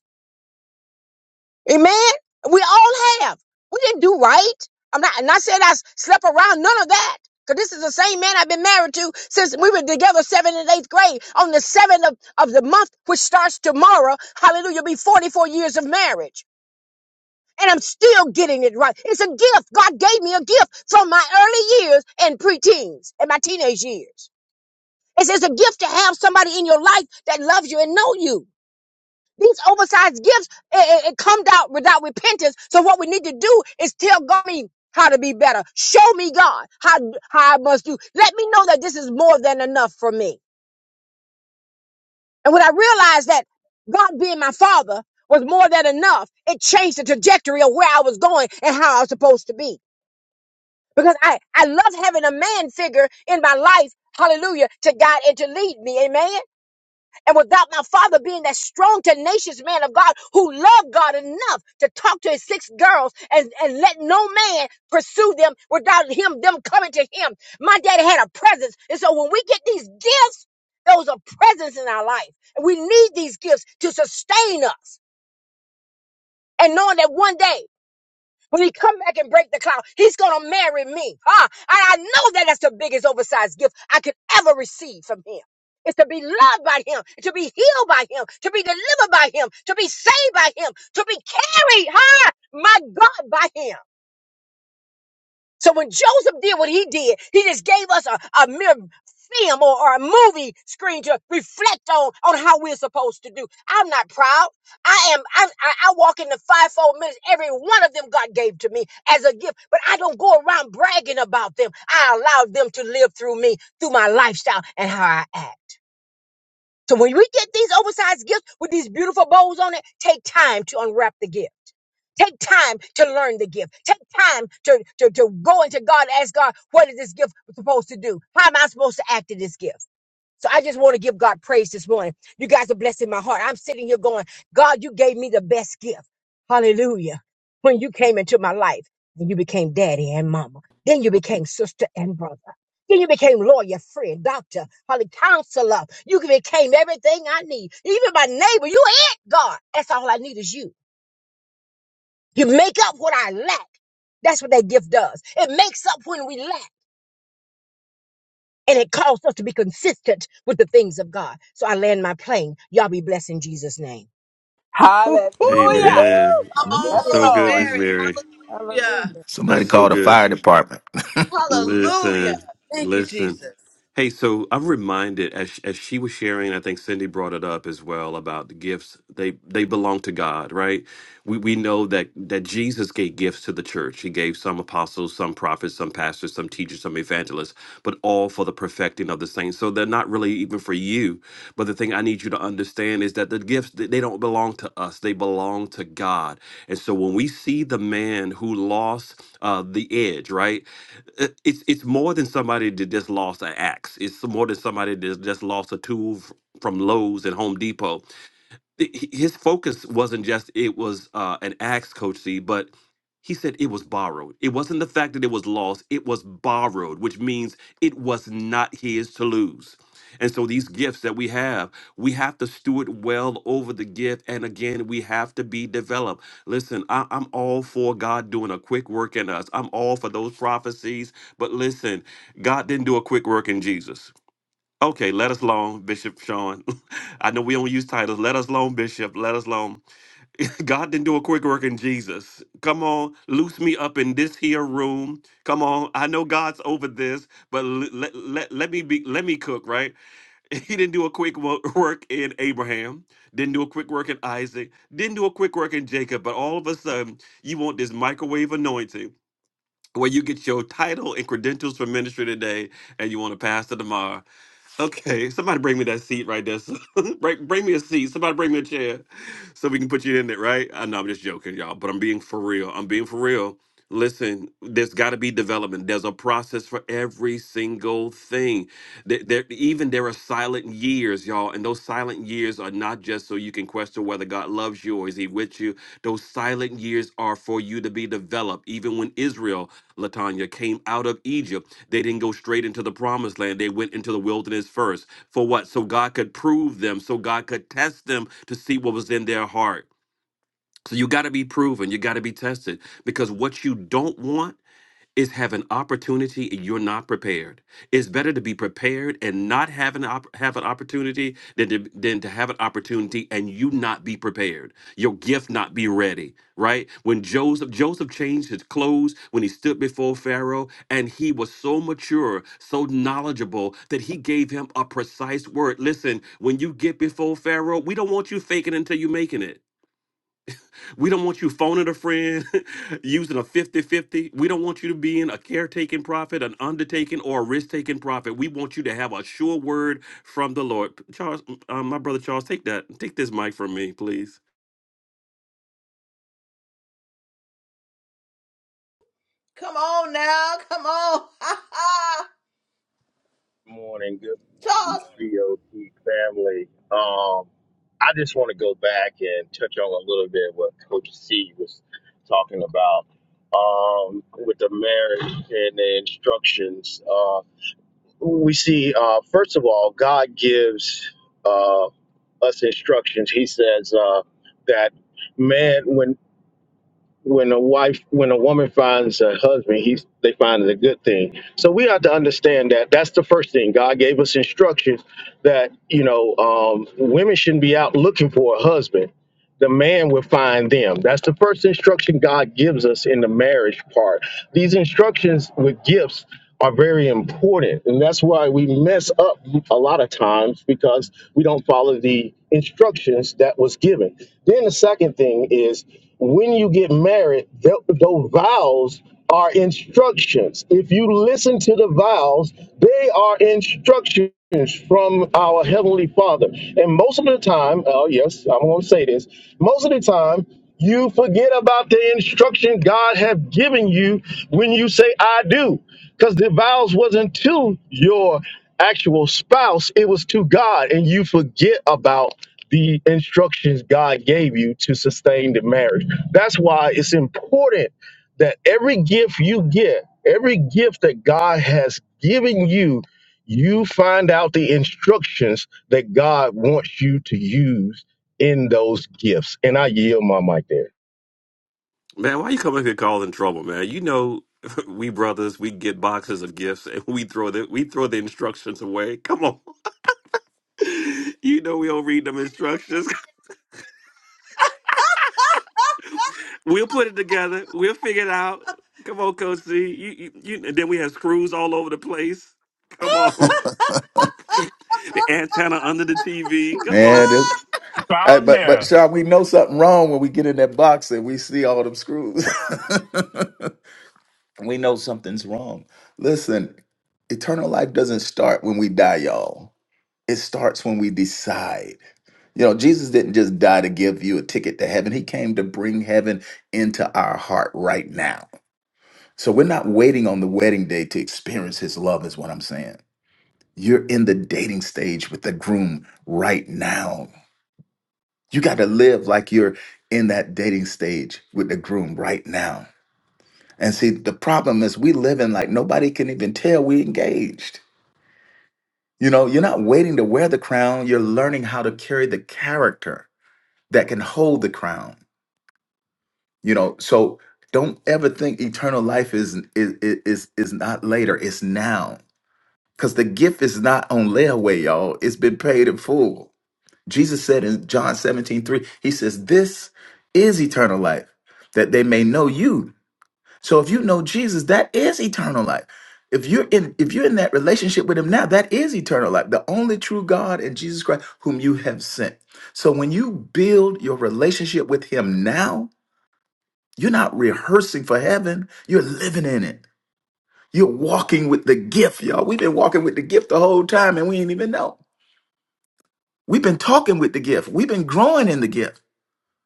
Speaker 10: Amen. We all have. We didn't do right. I'm not, and I said I s- slept around none of that. Cause this is the same man I've been married to since we were together seventh and eighth grade. On the seventh of, of the month, which starts tomorrow, hallelujah, be 44 years of marriage and I'm still getting it right. It's a gift. God gave me a gift from my early years and preteens and my teenage years. It's, it's a gift to have somebody in your life that loves you and know you. These oversized gifts, it, it, it comes out without repentance. So what we need to do is tell God how to be better. Show me God how, how I must do. Let me know that this is more than enough for me. And when I realized that God being my father was more than enough, it changed the trajectory of where I was going and how I was supposed to be. because I, I love having a man figure in my life, hallelujah, to God and to lead me, amen. And without my father being that strong, tenacious man of God who loved God enough to talk to his six girls and, and let no man pursue them without him, them coming to him. My daddy had a presence. And so when we get these gifts, those are presents in our life. And we need these gifts to sustain us. And knowing that one day when he come back and break the cloud, he's gonna marry me. Ah, and I know that that's the biggest oversized gift I could ever receive from him. It's to be loved by him, to be healed by him, to be delivered by him, to be saved by him, to be carried huh? my God, by him. So when Joseph did what he did, he just gave us a, a mere film or, or a movie screen to reflect on on how we're supposed to do. I'm not proud. I am. I, I, I walk in the fivefold minutes. Every one of them God gave to me as a gift, but I don't go around bragging about them. I allow them to live through me, through my lifestyle and how I act. So when we get these oversized gifts with these beautiful bows on it, take time to unwrap the gift. Take time to learn the gift. Take time to, to, to go into God, ask God, what is this gift supposed to do? How am I supposed to act in this gift? So I just want to give God praise this morning. You guys are blessing my heart. I'm sitting here going, God, you gave me the best gift. Hallelujah. When you came into my life and you became daddy and mama, then you became sister and brother. Then you became lawyer, friend, doctor, holy counselor. You became everything I need. Even my neighbor, you ain't God. That's all I need is you. You make up what I lack. That's what that gift does. It makes up when we lack. And it calls us to be consistent with the things of God. So I land my plane. Y'all be blessed in Jesus' name.
Speaker 6: Hallelujah!
Speaker 4: good.
Speaker 2: Woo-hoo.
Speaker 4: woo, woo,
Speaker 1: Amen.
Speaker 2: Come
Speaker 4: woo.
Speaker 6: Yes,
Speaker 1: That's so
Speaker 2: on,
Speaker 1: good,
Speaker 6: Lord.
Speaker 1: Miss
Speaker 2: Mary.
Speaker 1: Mary.
Speaker 2: Hallelujah.
Speaker 4: Somebody
Speaker 1: That's so
Speaker 4: called the
Speaker 1: good.
Speaker 4: fire department.
Speaker 2: Hallelujah.
Speaker 1: Listen,
Speaker 2: Thank you,
Speaker 1: listen.
Speaker 2: Jesus.
Speaker 1: Hey, so I'm reminded as sh- as she was sharing, I think Cindy brought it up as well about the gifts. They they belong to God, right? We we know that that Jesus gave gifts to the church. He gave some apostles, some prophets, some pastors, some teachers, some evangelists, but all for the perfecting of the saints. So they're not really even for you. But the thing I need you to understand is that the gifts they they don't belong to us. They belong to God. And so when we see the man who lost uh, the edge, right? uh, it's it's more than somebody that just lost an axe. It's more than somebody that just lost a tool f- from Lowe's and Home Depot th- his focus wasn't just it was uh, an axe, Coach C, but he said it was borrowed. It wasn't the fact that it was lost, it was borrowed, which means it was not his to lose. And so these gifts that we have, we have to steward well over the gift. And again, we have to be developed. Listen, I, I'm all for God doing a quick work in us. I'm all for those prophecies. But listen, God didn't do a quick work in Jesus. Okay, let us alone, Bishop Sean. I know we don't use titles. Let us alone, Bishop. Let us alone. God didn't do a quick work in Jesus. Come on, loose me up in this here room. Come on, I know God's over this, but let let, let, let me be let me cook right. He didn't do a quick wo- work in Abraham. Didn't do a quick work in Isaac. Didn't do a quick work in Jacob. But all of a sudden, you want this microwave anointing. Where you get your title and credentials for ministry today, and you want to pass it tomorrow. Okay, somebody bring me that seat right there. bring, bring me a seat. Somebody bring me a chair so we can put you in it, right? I know I'm just joking, y'all, but I'm being for real. I'm being for real. Listen, there's got to be development. There's a process for every single thing. There, there, even there are silent years, y'all, and those silent years are not just so you can question whether God loves you or is He with you. Those silent years are for you to be developed. Even when Israel, Latanya, came out of Egypt, they didn't go straight into the promised land. They went into the wilderness first. For what? So God could prove them, so God could test them to see what was in their heart. So you got to be proven, you got to be tested because what you don't want is have an opportunity and you're not prepared. It's better to be prepared and not have an op- have an opportunity than to, than to have an opportunity and you not be prepared. Your gift not be ready, right? When Joseph Joseph changed his clothes when he stood before Pharaoh and he was so mature, so knowledgeable that he gave him a precise word. Listen, when you get before Pharaoh, we don't want you faking until you making it. We don't want you phoning a friend, using a fifty-fifty. We don't want you to be in a caretaking profit, an undertaking, or a risk taking profit. We want you to have a sure word from the Lord. Charles, um, my brother Charles, take that. Take this mic from me, please.
Speaker 2: Come on now. Come on. Ha ha.
Speaker 11: morning, good
Speaker 2: Charles.
Speaker 11: GOT family. Um, I just want to go back and touch on a little bit what Coach C was talking about um, with the marriage and the instructions. Uh, we see, uh, first of all, God gives uh, us instructions. He says uh, that man, when when a wife when a woman finds a husband he's they find it a good thing so we have to understand that that's the first thing god gave us instructions that you know um, women shouldn't be out looking for a husband the man will find them. That's the first instruction God gives us in the marriage part. These instructions with gifts are very important. And that's why we mess up a lot of times because we don't follow the instructions that was given. Then the second thing is when you get married, th- those vows are instructions. If you listen to the vows, they are instructions from our Heavenly Father. And most of the time, oh, yes, I'm going to say this, most of the time, you forget about the instruction God have given you when you say I do. Because the vows wasn't to your actual spouse, it was to God. And you forget about the instructions God gave you to sustain the marriage. That's why it's important that every gift you get, every gift that God has given you, you find out the instructions that God wants you to use in those gifts. And I yield my mic there.
Speaker 1: Man, why you come up here causing trouble, man? You know, we brothers, we get boxes of gifts and we throw the we throw the instructions away. Come on. You know we don't read them instructions. We'll put it together. We'll figure it out. Come on, Coach Z. You, you, you, and then we have screws all over the place. Come on. The antenna under the TV. Come on.
Speaker 4: Man, it- uh,
Speaker 12: down
Speaker 4: but
Speaker 12: there.
Speaker 4: but Sean, we know something wrong when we get in that box and we see all them screws. we know something's wrong. Listen, eternal life doesn't start when we die, y'all. It starts when we decide. You know, Jesus didn't just die to give you a ticket to heaven. He came to bring heaven into our heart right now. So we're not waiting on the wedding day to experience his love, is what I'm saying. You're in the dating stage with the groom right now. You got to live like you're in that dating stage with the groom right now. And see, the problem is we live in like nobody can even tell we engaged. You know, you're not waiting to wear the crown, you're learning how to carry the character that can hold the crown. You know, so don't ever think eternal life is is is is not later, it's now. Cuz the gift is not on layaway, y'all. It's been paid in full. Jesus said in John 17 3, he says, This is eternal life, that they may know you, So if you know Jesus, that is eternal life. If you're in if you're in that relationship with him now, that is eternal life. The only true God and Jesus Christ whom you have sent. So when you build your relationship with him now, you're not rehearsing for heaven, you're living in it. You're walking with the gift, y'all. We've been walking with the gift the whole time and we ain't even know. We've been talking with the gift. We've been growing in the gift.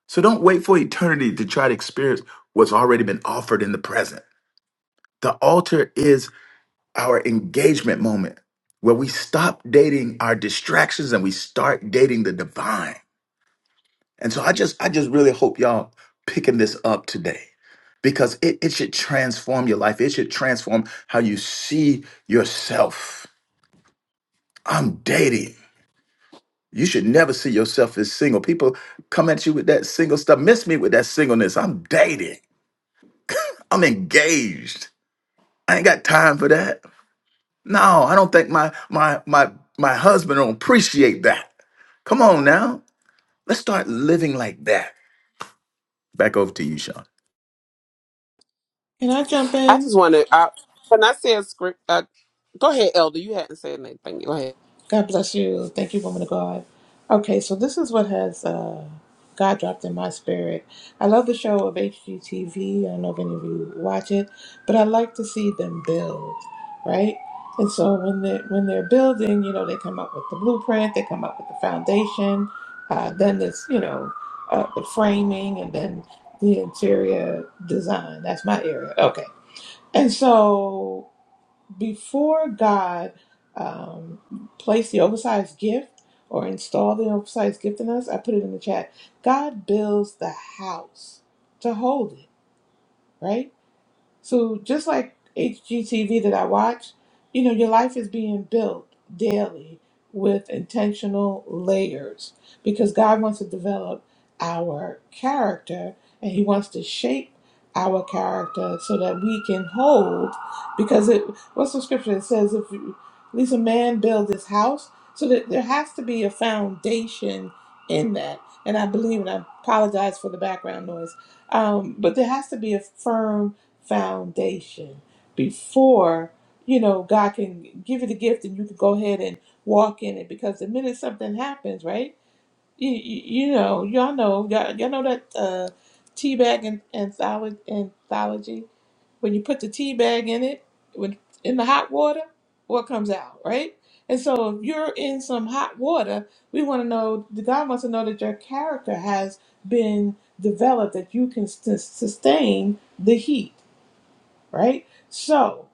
Speaker 4: So don't wait for eternity to try to experience what's already been offered in the present. The altar is our engagement moment where we stop dating our distractions and we start dating the divine. And so I just I just really hope y'all picking this up today because it, it should transform your life. It should transform how you see yourself. I'm dating. You should never see yourself as single. People come at you with that single stuff. Miss me with that singleness. I'm dating. I'm engaged. I ain't got time for that. No, I don't think my my my my husband will appreciate that. Come on now. Let's start living like that. Back over to you, Sean.
Speaker 13: Can I jump
Speaker 6: I
Speaker 13: in?
Speaker 6: just want to. I, when I said script, uh, go ahead, Elder. You hadn't said anything. Go ahead.
Speaker 13: God bless you. Thank you, woman of God. Okay, so this is what has uh, God dropped in my spirit. I love the show of HGTV. I don't know if any of you watch it, but I like to see them build, right? And so when they when they're building, you know, they come up with the blueprint, they come up with the foundation, uh, then there's you know uh, the framing, and then the interior design. That's my area. Okay, and so. before God um, placed the oversized gift or installed the oversized gift in us, I put it in the chat. God builds the house to hold it, right? So just like HGTV that I watch, you know, your life is being built daily with intentional layers because God wants to develop our character and he wants to shape our character so that we can hold because it what's the scripture that says if you, at least a man build his house so that there has to be a foundation in that and i believe and i apologize for the background noise um, but there has to be a firm foundation before you know God can give you the gift and you can go ahead and walk in it because the minute something happens, right? You, you, you know, y'all know, y'all, y'all know that uh, tea bag and antholo- anthology. When you put the tea bag in it, when in the hot water, what comes out, right? And so, if you're in some hot water, we want to know. God wants to know that your character has been developed, that you can sus- sustain the heat right? So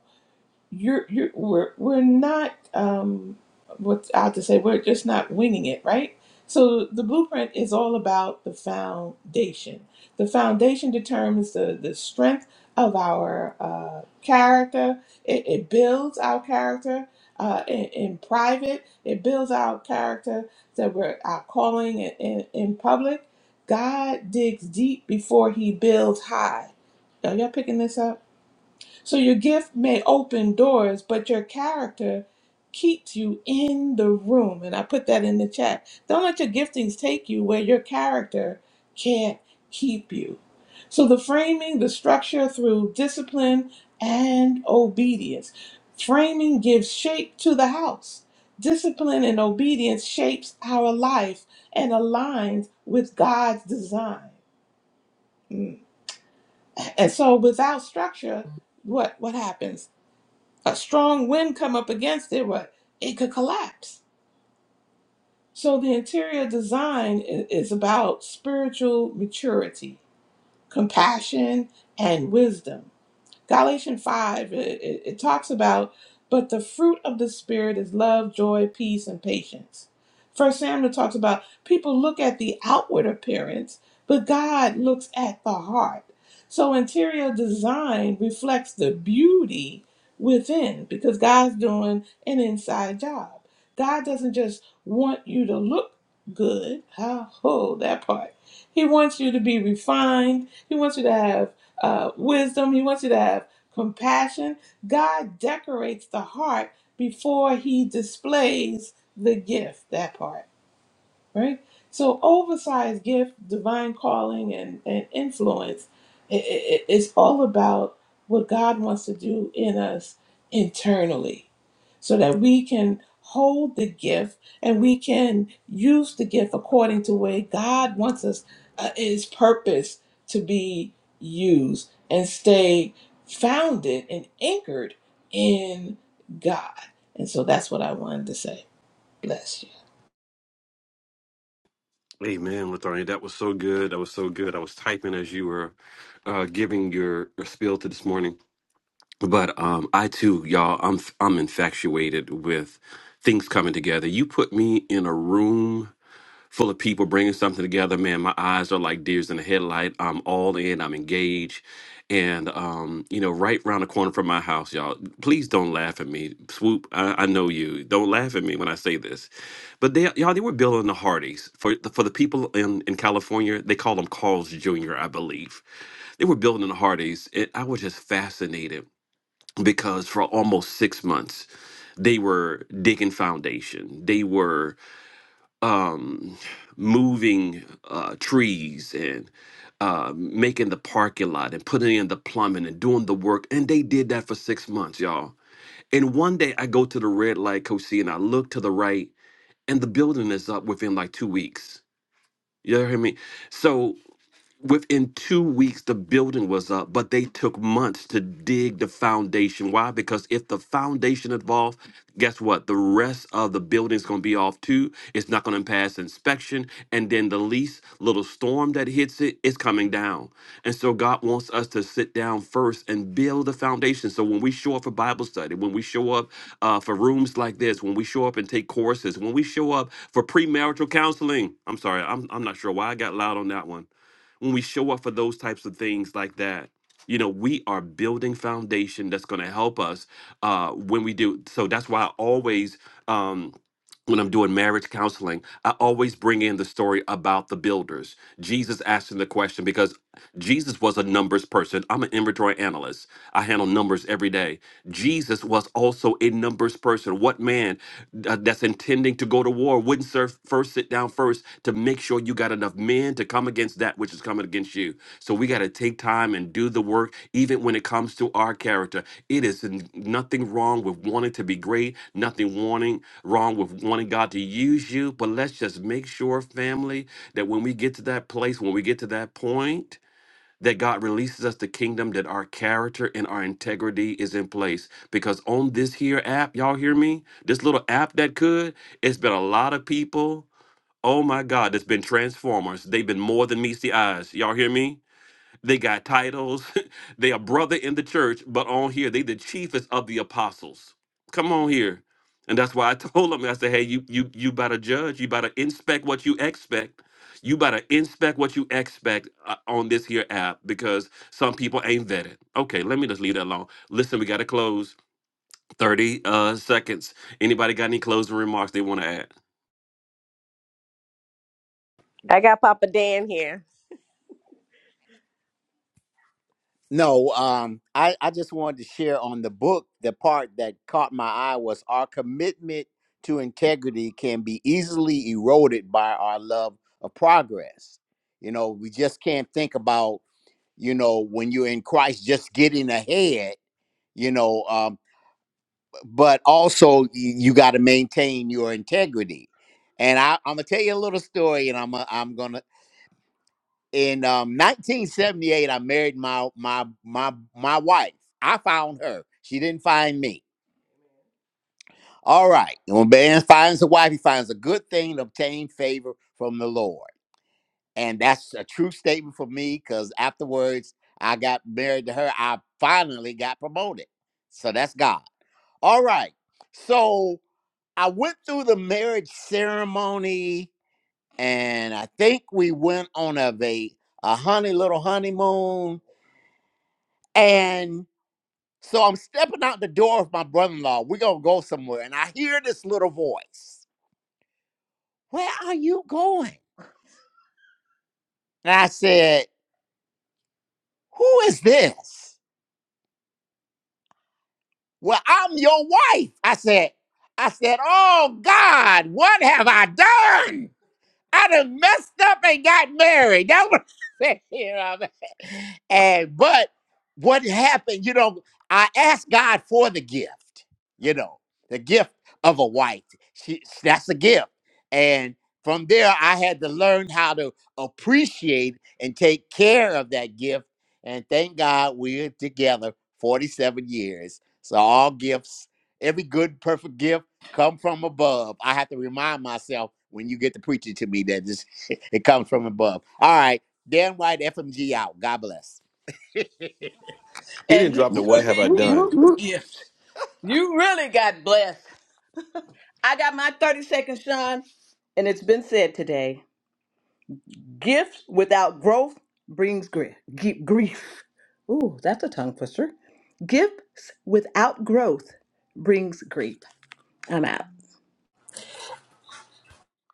Speaker 13: you're you're we're we're not um what I have to say we're just not winging it, right? So the blueprint is all about the foundation. The foundation determines the the strength of our uh, character. It, it builds our character uh, in, in private. It builds our character that we're our calling in, in, in public. God digs deep before He builds high. Are y'all picking this up? So your gift may open doors, but your character keeps you in the room. And I put that in the chat. Don't let your giftings take you where your character can't keep you. So the framing, the structure through discipline and obedience. Framing gives shape to the house. Discipline and obedience shapes our life and aligns with God's design. Mm. And so without structure, what what happens? a strong wind come up against it, what it could collapse. So the interior design i- is about spiritual maturity, compassion, and wisdom. Galatians 5, it, it, it talks about, but the fruit of the Spirit is love, joy, peace, and patience. First Samuel talks about people look at the outward appearance, but God looks at the heart. So interior design reflects the beauty within because God's doing an inside job. God doesn't just want you to look good. Oh, that part. He wants you to be refined. He wants you to have uh, wisdom. He wants you to have compassion. God decorates the heart before he displays the gift, that part, right? So, oversized gift, divine calling, and, and influence, it, it, it's all about what God wants to do in us internally so that we can hold the gift and we can use the gift according to where God wants us, uh, His purpose to be used, and stay founded and anchored in God. And so that's what I wanted to say. Bless you.
Speaker 1: Hey man, Latonya, that was so good. That was so good. I was typing as you were uh, giving your, your spiel to this morning. But um, I too, y'all, I'm I'm infatuated with things coming together. You put me in a room full of people bringing something together. Man, my eyes are like deers in the headlight. I'm all in. I'm engaged. And um, you know, right round the corner from my house, y'all. Please don't laugh at me, Swoop. I, I know you. Don't laugh at me when I say this, but they, y'all, they were building the Hardys for the, for the people in in California. They call them Carl's Jr. I believe they were building the Hardys, and I was just fascinated because for almost six months, they were digging foundation. They were um, moving uh, trees and uh, making the parking lot and putting in the plumbing and doing the work. And they did that for six months, y'all. And one day I go to the red light, Coach C, and I look to the right, and the building is up within like two weeks. You hear me? So within two weeks the building was up but they took months to dig the foundation why because if the foundation involved guess what the rest of the building's going to be off too it's not going to pass inspection and then the least little storm that hits it is coming down and so god wants us to sit down first and build the foundation so when we show up for bible study when we show up uh, for rooms like this when we show up and take courses when we show up for premarital counseling i'm sorry i'm, I'm not sure why i got loud on that one when we show up for those types of things like that you know we are building foundation that's going to help us uh when we do so that's why i always um when I'm doing marriage counseling, I always bring in the story about the builders. Jesus asking the question because Jesus was a numbers person. I'm an inventory analyst. I handle numbers every day. Jesus was also a numbers person. What man uh, that's intending to go to war wouldn't serve first sit down first to make sure you got enough men to come against that which is coming against you. So we got to take time and do the work, even when it comes to our character. It is n- nothing wrong with wanting to be great, nothing wanting wrong with wanting God to use you. But let's just make sure, family, that when we get to that place, when we get to that point, that God releases us the kingdom, that our character and our integrity is in place. Because on this here app, y'all hear me? This little app that could, it's been a lot of people. Oh my God, it's been transformers. They've been more than meets the eyes. Y'all hear me? They got titles. they are brother in the church, but on here, they the chiefest of the apostles. Come on here. And that's why I told them, I said, hey, you you you better judge, you better inspect what you expect. You better inspect what you expect uh, on this here app because some people ain't vetted. Okay, let me just leave that alone. Listen, we got to close. 30 uh, seconds. Anybody got any closing remarks they want to add?
Speaker 9: I got Papa Dan here. No, um, I, I just wanted to share on the book the part that caught my eye was our commitment to integrity can be easily eroded by our love of progress. You know, we just can't think about, you know, when you're in Christ just getting ahead. You know, um, but also y- you got to maintain your integrity. And I, I'm gonna tell you a little story, and I'm i I'm gonna in um, 1978 I married my my my my wife. I found her. She didn't find me. All right. And When man finds a wife, he finds a good thing to obtain favor from the Lord, and that's a true statement for me. Because afterwards, I got married to her. I finally got promoted. So that's God. All right. So I went through the marriage ceremony, and I think we went on a va- a honey little honeymoon. And so I'm stepping out the door of my brother-in-law. We're gonna go somewhere, and I hear this little voice. Where are you going? And I said, Who is this? Well, I'm your wife. I said, I said, Oh God, what have I done? I done messed up and got married. That's what I said. You know what I mean? And but what happened, you know, I asked God for the gift, you know, the gift of a wife. She that's a gift. And from there I had to learn how to appreciate and take care of that gift. And thank God we're together 47 years. So all gifts, every good, perfect gift come from above. I have to remind myself when you get to preaching to me that this, it comes from above. All right. Dan White, FMG out. God bless.
Speaker 1: He
Speaker 2: And
Speaker 1: didn't
Speaker 2: he
Speaker 1: drop the
Speaker 4: Whoop,
Speaker 1: what
Speaker 2: sure
Speaker 4: whoop,
Speaker 1: have I
Speaker 2: did
Speaker 4: whoop,
Speaker 2: give
Speaker 1: done.
Speaker 4: whoop,
Speaker 2: you a
Speaker 4: whoop.
Speaker 2: gift. You really got blessed. I got my 30 seconds, Sean. And it's been said today. Gifts without growth brings grief. Grief. Ooh, that's a tongue twister. Gifts without growth brings grief. I'm out.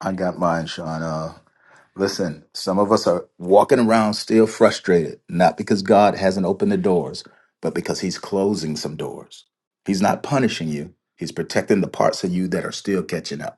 Speaker 4: I got mine, Sean. Uh, listen, some of us are walking around still frustrated, not because God hasn't opened the doors, but because He's closing some doors. He's not punishing you, He's protecting the parts of you that are still catching up.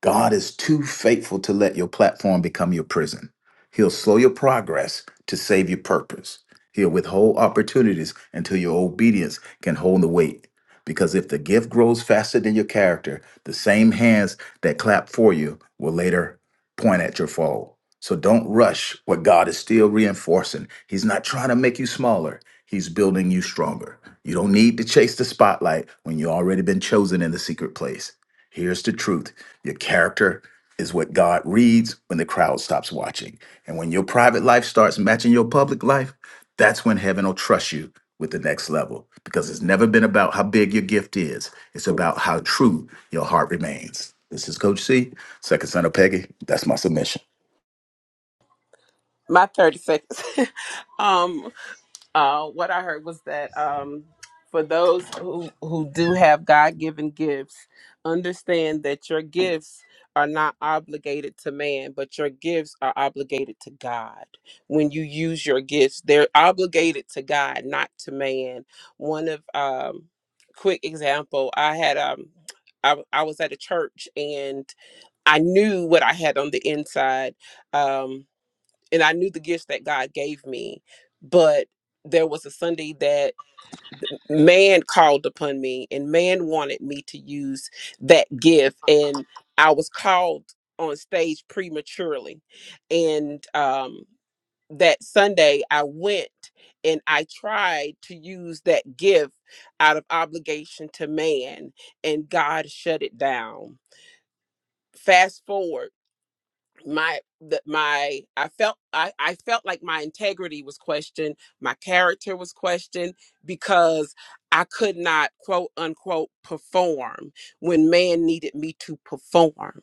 Speaker 4: God is too faithful to let your platform become your prison. He'll slow your progress to save your purpose. He'll withhold opportunities until your obedience can hold the weight. Because if the gift grows faster than your character, the same hands that clap for you will later point at your fall. So don't rush what God is still reinforcing. He's not trying to make you smaller, He's building you stronger. You don't need to chase the spotlight when you've already been chosen in the secret place. Here's the truth your character is what God reads when the crowd stops watching. And when your private life starts matching your public life, that's when heaven will trust you with the next level because it's never been about how big your gift is, it's about how true your heart remains. This is Coach C, second son of Peggy. That's my submission.
Speaker 6: My thirty seconds. um, Uh, what I heard was that um, for those who, who do have God given gifts, understand that your gifts are not obligated to man, but your gifts are obligated to God. When you use your gifts, they're obligated to God, not to man. One of um, quick example, I had um, I, I was at a church and I knew what I had on the inside. Um, and I knew the gifts that God gave me, but there was a Sunday that man called upon me and man wanted me to use that gift and I was called on stage prematurely and um that Sunday I went and I tried to use that gift out of obligation to man and God shut it down fast forward my that my I felt I, I felt like my integrity was questioned, my character was questioned because I could not quote unquote perform when man needed me to perform.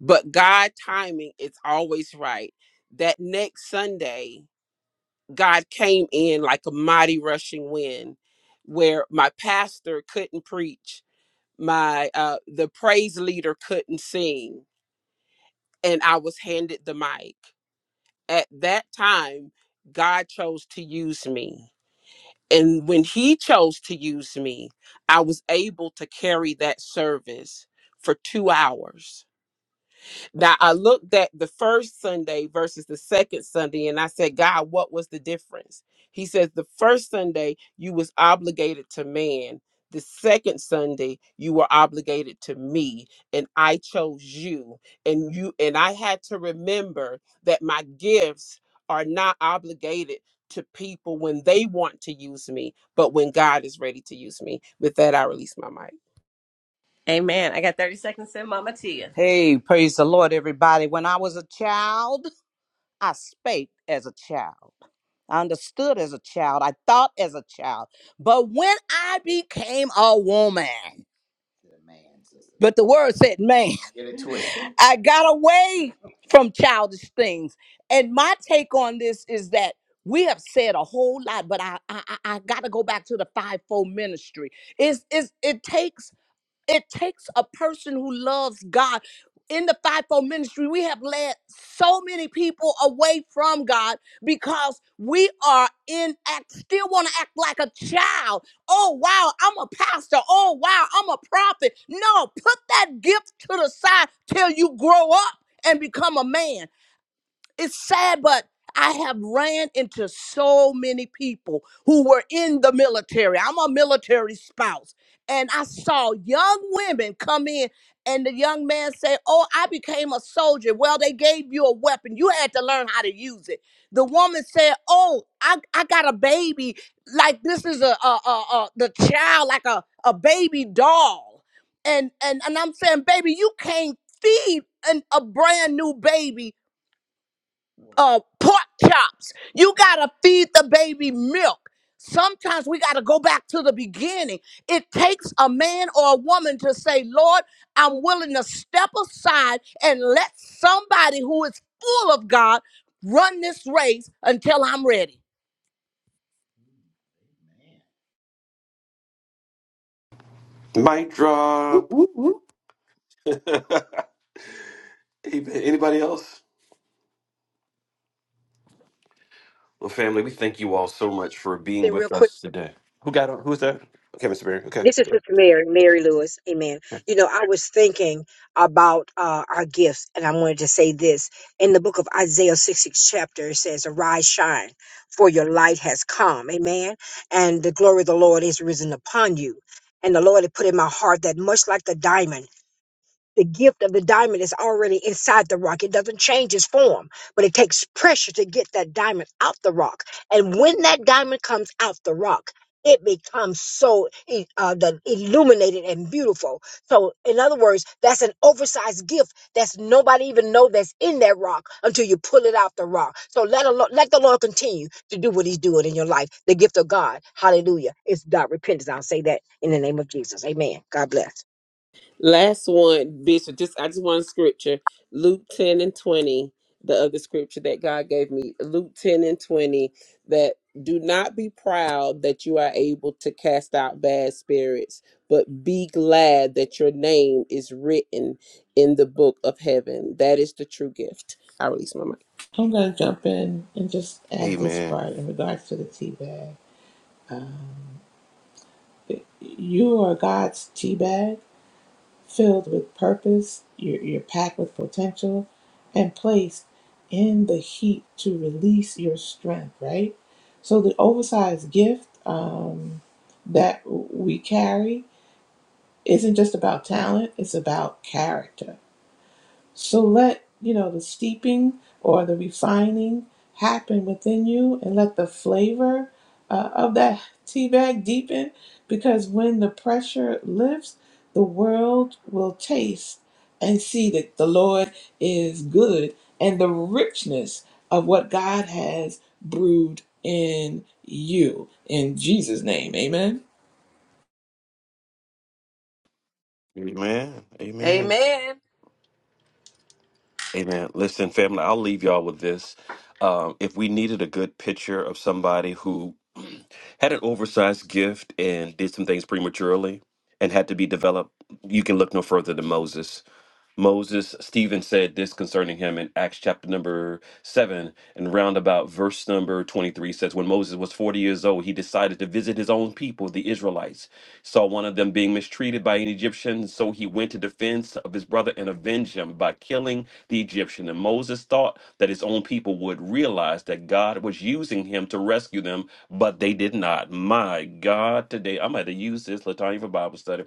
Speaker 6: But God timing is always right. That next Sunday, God came in like a mighty rushing wind where my pastor couldn't preach, my uh the praise leader couldn't sing, and I was handed the mic at that time, God chose to use me. And when He chose to use me, I was able to carry that service for two hours now I looked at the first Sunday versus the second Sunday and I said, God, what was the difference? He says the first Sunday you was obligated to man. The second Sunday you were obligated to me and I chose you and you and I had to remember that my gifts are not obligated to people when they want to use me, but when God is ready to use me. With that I release my mic.
Speaker 9: Amen. I got 30 seconds in Mama Tia. Hey, praise the Lord, everybody. When I was a child, I spake as a child. I understood as a child. I thought as a child. But when I became a woman, But the word said, man, Get it twisted. I got away from childish things. And my take on this is that we have said a whole lot, but I I, I got to go back to the fivefold ministry. It's, it's, it takes it takes a person who loves God. In the fivefold ministry, we have led so many people away from God because we are in act, still want to act like a child. Oh, wow, I'm a pastor. Oh, wow, I'm a prophet. No, put that gift to the side till you grow up and become a man it's sad, but I have ran into so many people who were in the military. I'm a military spouse. And I saw young women come in, and the young man said, Oh, I became a soldier. Well, they gave you a weapon. You had to learn how to use it. The woman said, Oh, I, I got a baby. Like this is a, a, a, a the child, like a, a baby doll. And, and and I'm saying, baby, you can't feed an, a brand new baby uh, pork chops. You gotta feed the baby milk. Sometimes we gotta go back to the beginning. It takes a man or a woman to say, Lord, I'm willing to step aside and let somebody who is full of God run this race until I'm ready.
Speaker 1: Mic
Speaker 4: Whoop,
Speaker 1: drop.
Speaker 4: whoop, whoop.
Speaker 1: Anybody else? Well, family, we thank you all so much for being
Speaker 10: Then real
Speaker 1: with
Speaker 10: quick.
Speaker 1: us today. Who got on? Who's that? Okay, Mr. Barry. Okay,
Speaker 10: This is
Speaker 1: good.
Speaker 10: Sister Mary, Mary Lewis. Amen. You know, I was thinking about uh, our gifts, and I wanted to say this. In the book of Isaiah 66 chapter, it says, Arise, shine, for your light has come. Amen. And the glory of the Lord is risen upon you. And the Lord had put in my heart that much like the diamond. The gift of the diamond is already inside the rock. It doesn't change its form, but it takes pressure to get that diamond out the rock. And when that diamond comes out the rock, it becomes so e- uh, the illuminated and beautiful. So, in other words, that's an oversized gift that's nobody even know that's in that rock until you pull it out the rock. So let alone, let the Lord continue to do what He's doing in your life. The gift of God, Hallelujah, is God repentance. I'll say that in the name of Jesus. Amen. God bless.
Speaker 6: Last one, Bishop. Just I just want scripture. Luke ten and twenty. The other scripture that God gave me, Luke ten and twenty, that do not be proud that you are able to cast out bad spirits, but be glad that your name is written in the book of heaven. That is the true gift. I release my mic.
Speaker 13: I'm going to jump in and just add this
Speaker 1: Amen.
Speaker 13: part in regards to the tea bag. Um, you are God's tea bag filled with purpose, you're, you're packed with potential, and placed in the heat to release your strength, right? So, the oversized gift um, that we carry isn't just about talent, it's about character so let, you know, the steeping or the refining happen within you and let the flavor uh, of that tea bag deepen because when the pressure lifts, the world will taste and see that the Lord is good and the richness of what God has brewed in you. In Jesus' name, amen.
Speaker 1: Amen. Amen.
Speaker 2: Amen.
Speaker 1: Amen. Listen, family, I'll leave y'all with this. Um, if we needed a good picture of somebody who had an oversized gift and did some things prematurely and had to be developed, you can look no further than Moses. Moses, Stephen said this concerning him in Acts chapter number 7 and roundabout verse number 23 says, When Moses was 40 years old, he decided to visit his own people, the Israelites. Saw one of them being mistreated by an Egyptian, so he went to defense of his brother and avenge him by killing the Egyptian. And Moses thought that his own people would realize that God was using him to rescue them, but they did not. My God, today I'm going to use this Latanya for Bible study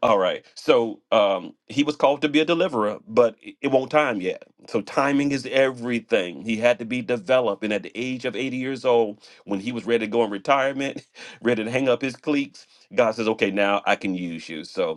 Speaker 1: all right. So um, he was called to be a deliverer, but i- it won't time yet. So timing is everything. He had to be developed. And at the age of 80 years old, when he was ready to go in retirement, ready to hang up his cleats, God says, okay, now I can use you. So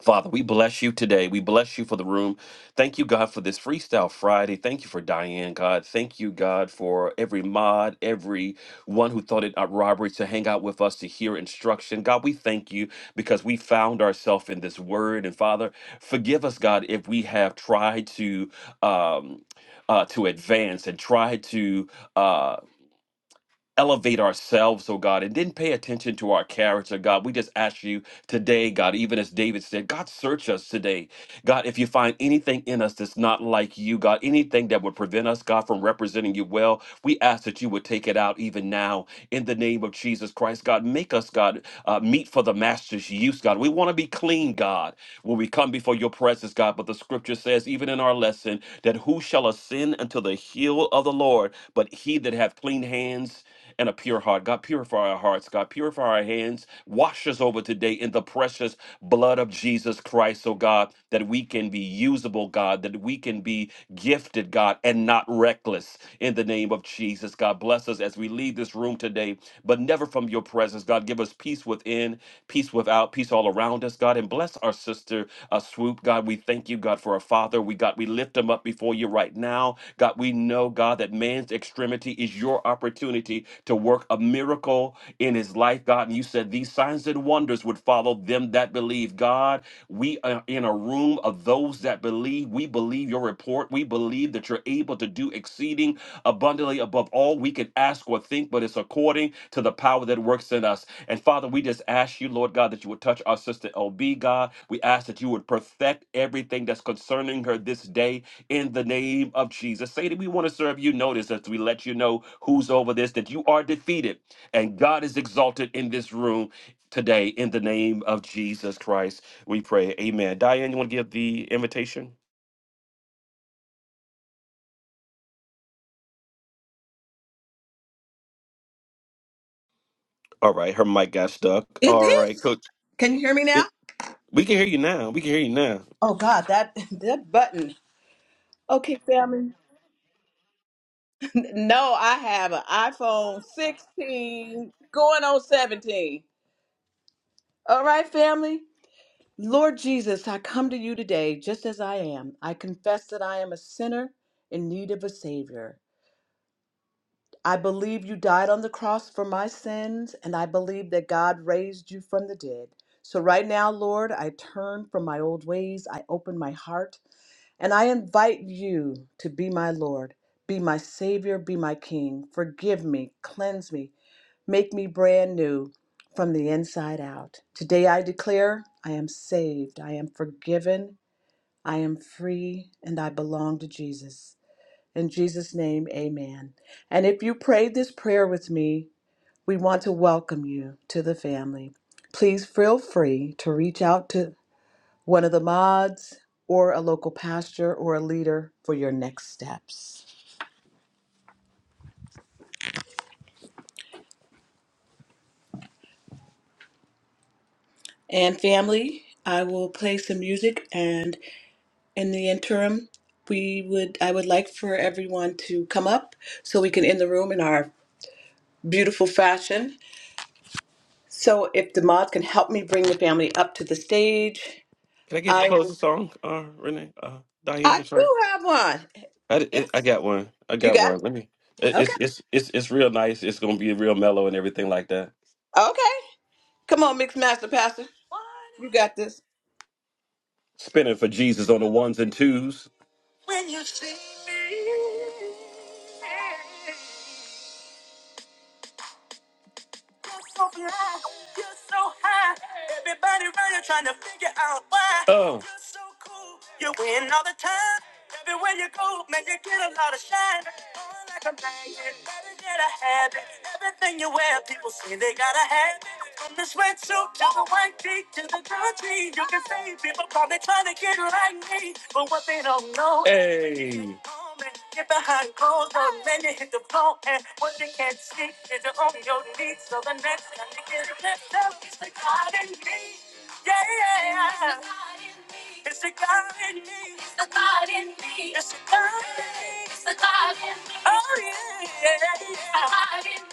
Speaker 1: Father, we bless you today. We bless you for the room. Thank you, God, for this Freestyle Friday. Thank you for Diane, God. Thank you, God, for every mod, every one who thought it a robbery to hang out with us to hear instruction. God, we thank you because we found ourselves in this word. And Father, forgive us, God, if we have tried to um, uh, to advance and tried to. uh, elevate ourselves, oh God, and didn't pay attention to our character, God. We just ask you today, God, even as David said, God, search us today. God, if you find anything in us that's not like you, God, anything that would prevent us, God, from representing you well, we ask that you would take it out even now in the name of Jesus Christ, God. Make us, God, uh, meet for the master's use, God. We want to be clean, God, when we come before your presence, God. But the scripture says, even in our lesson, that who shall ascend unto the hill of the Lord? But he that hath clean hands and a pure heart, God, purify our hearts, God, purify our hands, wash us over today in the precious blood of Jesus Christ, oh God, that we can be usable, God, that we can be gifted, God, and not reckless in the name of Jesus. God, bless us as we leave this room today, but never from your presence. God, give us peace within, peace without, peace all around us, God, and bless our sister uh, Swoop. God, we thank you, God, for our father. We, God, we lift him up before you right now. God, we know, God, that man's extremity is your opportunity to work a miracle in his life, God. And you said these signs and wonders would follow them that believe. God, we are in a room of those that believe. We believe your report. We believe that you're able to do exceeding abundantly above all we can ask or think, but it's according to the power that works in us. And Father, we just ask you, Lord God, that you would touch our sister LB, God. We ask that you would perfect everything that's concerning her this day in the name of Jesus. Say that we want to serve you. Notice as we let you know who's over this, that you are defeated and God is exalted in this room today in the name of Jesus Christ. We pray. Amen. Diane, you want to give the invitation? All right. Her mic got stuck.
Speaker 2: It
Speaker 1: All right,
Speaker 2: is.
Speaker 1: Coach.
Speaker 2: Can you hear me now?
Speaker 1: It, we can hear you now. We can hear you now.
Speaker 2: Oh God, that that button. Okay, family. No, I have an iPhone 16 going on 17. All right, family. Lord Jesus, I come to you today just as I am. I confess that I am a sinner in need of a Savior. I believe you died on the cross for my sins, and I believe that God raised you from the dead. So, right now, Lord, I turn from my old ways, I open my heart, and I invite you to be my Lord, be my Savior, be my King. Forgive me, cleanse me, make me brand new from the inside out. Today, I declare I am saved, I am forgiven, I am free, and I belong to Jesus. In Jesus' name, amen. And if you prayed this prayer with me, we want to welcome you to the family. Please feel free to reach out to one of the mods or a local pastor or a leader for your next steps. And family, I will play some music and in the interim, we would I would like for everyone to come up so we can end the room in our beautiful fashion. So if the mods can help me bring the family up to the stage,
Speaker 1: Can I give a
Speaker 2: I.
Speaker 1: closing song, uh, Renee? Uh, Diane,
Speaker 2: I
Speaker 1: I'm
Speaker 2: do
Speaker 1: sorry.
Speaker 2: have one.
Speaker 1: I, di- it, I
Speaker 2: Yes.
Speaker 1: got one. I
Speaker 2: You
Speaker 1: got
Speaker 2: got it?
Speaker 1: one. Let me. it-
Speaker 2: Okay.
Speaker 1: It's it's it's it's real nice. It's gonna be real mellow and everything like that.
Speaker 2: Okay. Come on, Mixed Master Pastor. You got this.
Speaker 1: Spinning for Jesus on the ones and twos. When you see me. Oh. Hey moment. Get behind closed doors, then hit the phone, and what they can't see is your own your needs. So the next time they get left out, it's the God in me. Yeah, yeah, yeah. It's the God in me. It's the God in me. It's the God in me. It's the God in me. Oh yeah, yeah, yeah.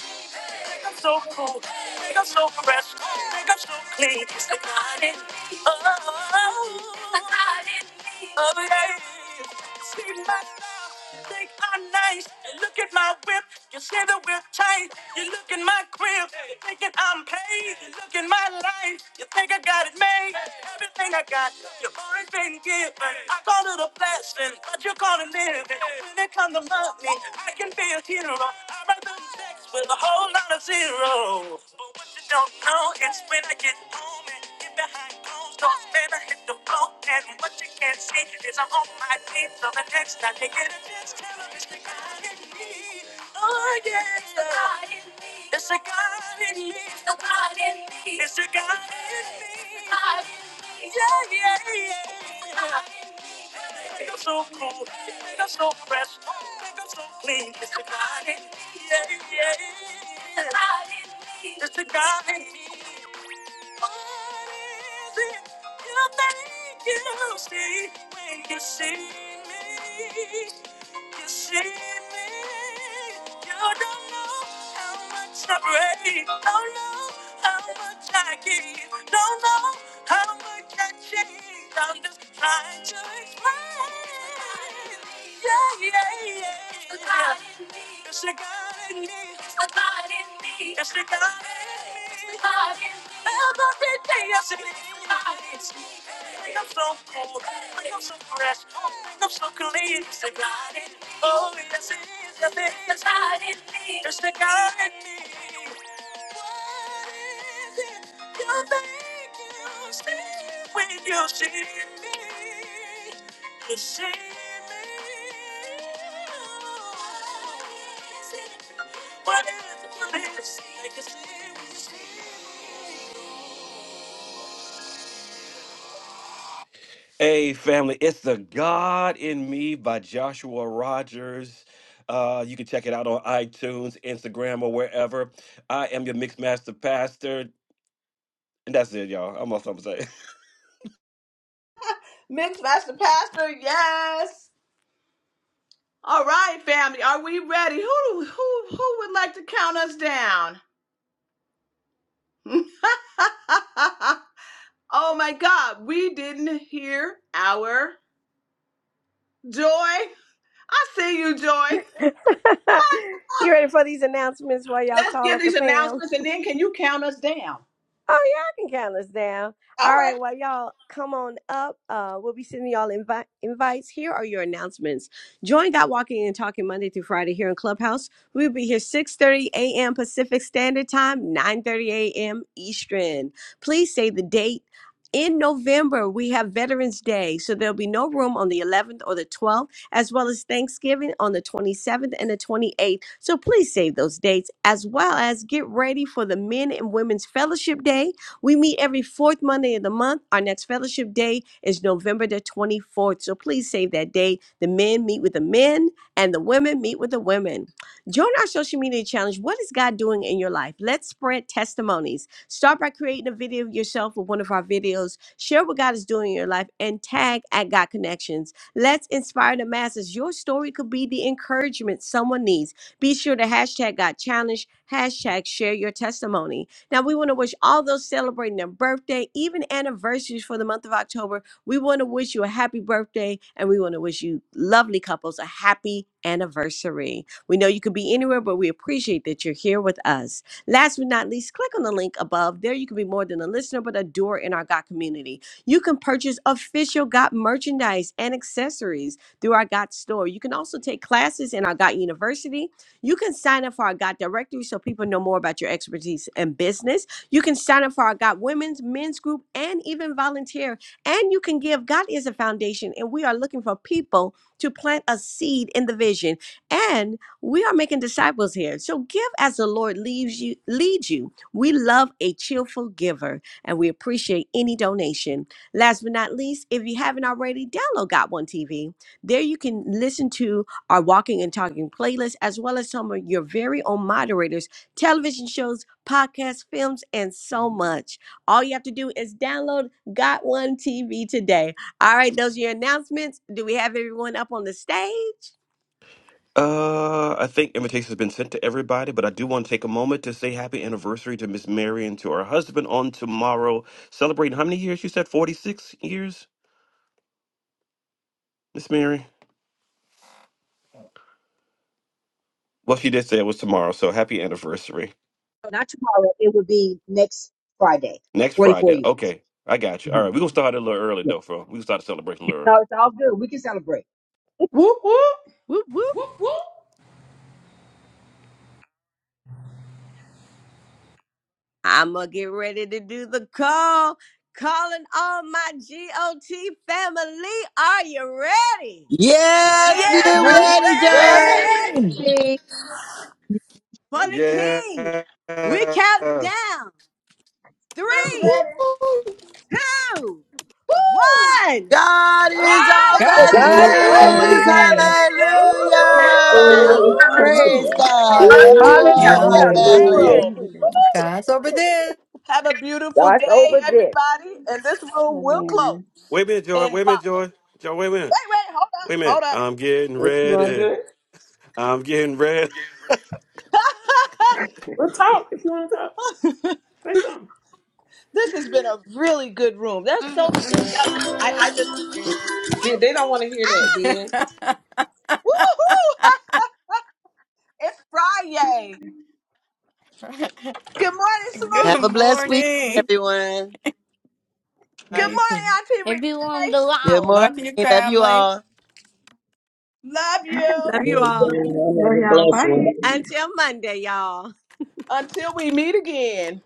Speaker 1: Make them so cool. Make them so fresh. Make them so clean. It's the God in me. Oh, the God in me. Oh, yeah. See my style. Think I'm nice. You look at my whip. You see the whip tight. You look in my crib. You thinking I'm paid. You look in my life. You think I got it made. Everything I got, you already been given. I call it a blessing, but you call it living. When it comes to money help me. I can be a hero. I write them checks with a whole lot of zeros. But what you don't know is when I get home and get behind closed doors, then I hit the floor. And what you can't see is I'm on my feet. So the next time you get a chance, tell them it's the God in me. Oh yeah, it's the God in me. It's the God in me. It's the God in me. It's the God in me. It's the God in me. Yeah, yeah, yeah. It's the God in me. Make them so cool, make them so fresh, make them so clean. It's the God in me, yeah, yeah. It's the God in me. It's the God in me. What is it you think you see when you see me? You see me. You don't know how much I pray. Don't know how much I give. Don't know how much not changed. I'm just trying to explain. Yeah, yeah, yeah. God in me. It's a God in me. A God in me. It's a God in me. God in me. Every day I see God in me. Think I'm so cool. Think I'm so fresh. Think I'm so clean. It's a God in me. Oh, yes, it is. Yes, it is. It's God in me. It's a God in me. You think you see when you see me. You see me. What is Hey, family, it's The God in Me by Joshua Rogers. Uh, you can check it out on iTunes, Instagram, or wherever. I am your Mixed Master Pastor. And that's it, y'all. I'm off. something to say.
Speaker 2: Mixed Master Pastor, yes. All right, family. Are we ready? Who who who would like to count us down? oh my god, we didn't hear our joy. I see you, Joy.
Speaker 9: you ready for these announcements while y'all
Speaker 2: Let's
Speaker 9: call
Speaker 2: get
Speaker 9: up
Speaker 2: these
Speaker 9: the
Speaker 2: announcements and then can you count us down?
Speaker 9: Oh, y'all can count us down.
Speaker 2: All
Speaker 9: All right,
Speaker 2: right.
Speaker 9: well, y'all come on up. Uh, we'll be sending y'all invi- invites. Here are your announcements. Join God Walking and Talking Monday through Friday here in Clubhouse. We'll be here 6.30 a.m. Pacific Standard Time, 9.30 a.m. Eastern. Please say the date. In November, we have Veterans Day, so there'll be no room on the 11th or the 12th as well as Thanksgiving on the 27th and the 28th. So please save those dates, as well as get ready for the Men and Women's Fellowship Day. We meet every fourth Monday of the month. Our next fellowship day is November the 24th. So please save that day. The men meet with the men, and the women meet with the women. Join our social media challenge. What is God doing in your life? Let's spread testimonies. Start by creating a video of yourself with one of our videos. Share what God is doing in your life and tag at God Connections. Let's inspire the masses. Your story could be the encouragement someone needs. Be sure to hashtag got challenged, hashtag share your testimony. Now, we want to wish all those celebrating their birthday, even anniversaries for the month of October, we want to wish you a happy birthday and we want to wish you lovely couples a happy anniversary. We know you could be anywhere, but we appreciate that you're here with us. Last but not least, click on the link above. There you can be more than a listener, but a doer in our God community. You can purchase official GOT merchandise and accessories through our GOT store. You can also take classes in our GOT University. You can sign up for our GOT directory so people know more about your expertise and business. You can sign up for our GOT women's, men's group, and even volunteer. And you can give. God is a foundation, and we are looking for people to plant a seed in the vision. And we are making disciples here. So give as the Lord leads you. Lead you. We love a cheerful giver, and we appreciate any donation. Last but not least, if you haven't already, download Got One TV. There you can listen to our Walking and Talking playlist, as well as some of your very own moderators, television shows, podcasts, films, and so much. All you have to do is download Got One TV today. All right, those are your announcements. Do we have everyone up on the stage?
Speaker 1: Uh, I think invitations have been sent to everybody, but I do want to take a moment to say happy anniversary to Miss Mary and to her husband on tomorrow, celebrating how many years? You said 46 years, Miss Mary? Well, she did say it was tomorrow, so happy anniversary.
Speaker 10: No, Not tomorrow. It would be next Friday.
Speaker 1: Next
Speaker 10: Forty-four
Speaker 1: Friday.
Speaker 10: years.
Speaker 1: Okay, I got you.
Speaker 10: hmm
Speaker 1: All right, we're going to start it a little early,
Speaker 10: Yeah.
Speaker 1: though, bro. We're going to start the celebration a little early.
Speaker 10: No, it's all good. We can celebrate.
Speaker 6: Whoop whoop.
Speaker 9: Whoop, whoop. I'ma get ready to do the call. Calling all my GOT family. Are you ready?
Speaker 14: Yes,
Speaker 2: Yes,
Speaker 14: we're
Speaker 2: I'm
Speaker 3: Rain,
Speaker 14: ready,
Speaker 9: Ready!
Speaker 6: Ready.
Speaker 14: Joy.
Speaker 2: ready.
Speaker 9: For the
Speaker 1: Yes.
Speaker 9: king. We're counting down.
Speaker 2: I'm
Speaker 9: Three,
Speaker 2: ready.
Speaker 9: two,
Speaker 2: Woo!
Speaker 9: one.
Speaker 14: God is
Speaker 9: God's
Speaker 14: over
Speaker 15: Thank
Speaker 9: over
Speaker 3: God's
Speaker 10: God's
Speaker 16: God's
Speaker 2: God's
Speaker 3: over
Speaker 10: over
Speaker 16: over
Speaker 2: over
Speaker 9: this.
Speaker 14: this.
Speaker 3: there.
Speaker 10: this.
Speaker 16: this.
Speaker 2: this.
Speaker 10: Yes.
Speaker 2: Yes, he is
Speaker 14: Hallelujah.
Speaker 2: now.
Speaker 15: you.
Speaker 17: Woo!
Speaker 14: Praise
Speaker 5: Hallelujah.
Speaker 14: God.
Speaker 9: Woo-hoo-hoo-hoo-hoo-hoo-hoo-hoo.
Speaker 14: Love you
Speaker 2: God is
Speaker 14: all,
Speaker 3: Hallelujah.
Speaker 14: my
Speaker 2: over
Speaker 10: Hallelujah.
Speaker 13: Hallelujah.
Speaker 2: this
Speaker 5: Just
Speaker 10: Thank
Speaker 5: that
Speaker 14: family.
Speaker 17: Hallelujah.
Speaker 10: you,
Speaker 5: and
Speaker 2: room.
Speaker 10: Jesus.
Speaker 5: everything.
Speaker 3: God's over there.
Speaker 2: Have a beautiful
Speaker 10: God's
Speaker 2: day,
Speaker 10: over
Speaker 1: w-
Speaker 10: this.
Speaker 2: everybody. And this room will
Speaker 5: Amen.
Speaker 2: close
Speaker 1: Wait a minute, Joy.
Speaker 2: in
Speaker 1: Wait a
Speaker 2: five.
Speaker 1: minute, Joy. Joy, wait a minute.
Speaker 2: Wait, wait,
Speaker 1: Wait a minute.
Speaker 2: hold up,
Speaker 1: I'm getting
Speaker 6: If you want to
Speaker 1: ready.
Speaker 6: do it,
Speaker 1: I'm getting ready.
Speaker 2: hold
Speaker 6: we'll talk. If you want to talk,
Speaker 2: up.
Speaker 6: say something.
Speaker 2: this has been a really good room. There's so many nuggets. I, I just,
Speaker 6: They they don't want to hear that, then.
Speaker 2: woohoo! it's Friday. Good morning,
Speaker 14: Have
Speaker 3: Good
Speaker 2: Smoot.
Speaker 14: a blessed week,
Speaker 3: morning.
Speaker 14: everyone.
Speaker 2: Good
Speaker 6: Right.
Speaker 3: You
Speaker 2: morning,
Speaker 3: too.
Speaker 2: Auntie
Speaker 6: It be on
Speaker 2: Renee.
Speaker 6: the
Speaker 14: Good
Speaker 6: loud.
Speaker 14: morning.
Speaker 3: Love you,
Speaker 14: Love you
Speaker 3: family.
Speaker 14: all.
Speaker 2: Love you.
Speaker 9: Love you all.
Speaker 17: Amen. Have a blessed one.
Speaker 9: Until Monday, y'all.
Speaker 2: Until we meet again,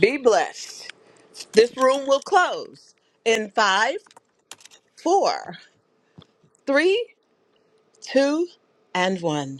Speaker 2: be blessed. This room will close in five, four, three, two, and one.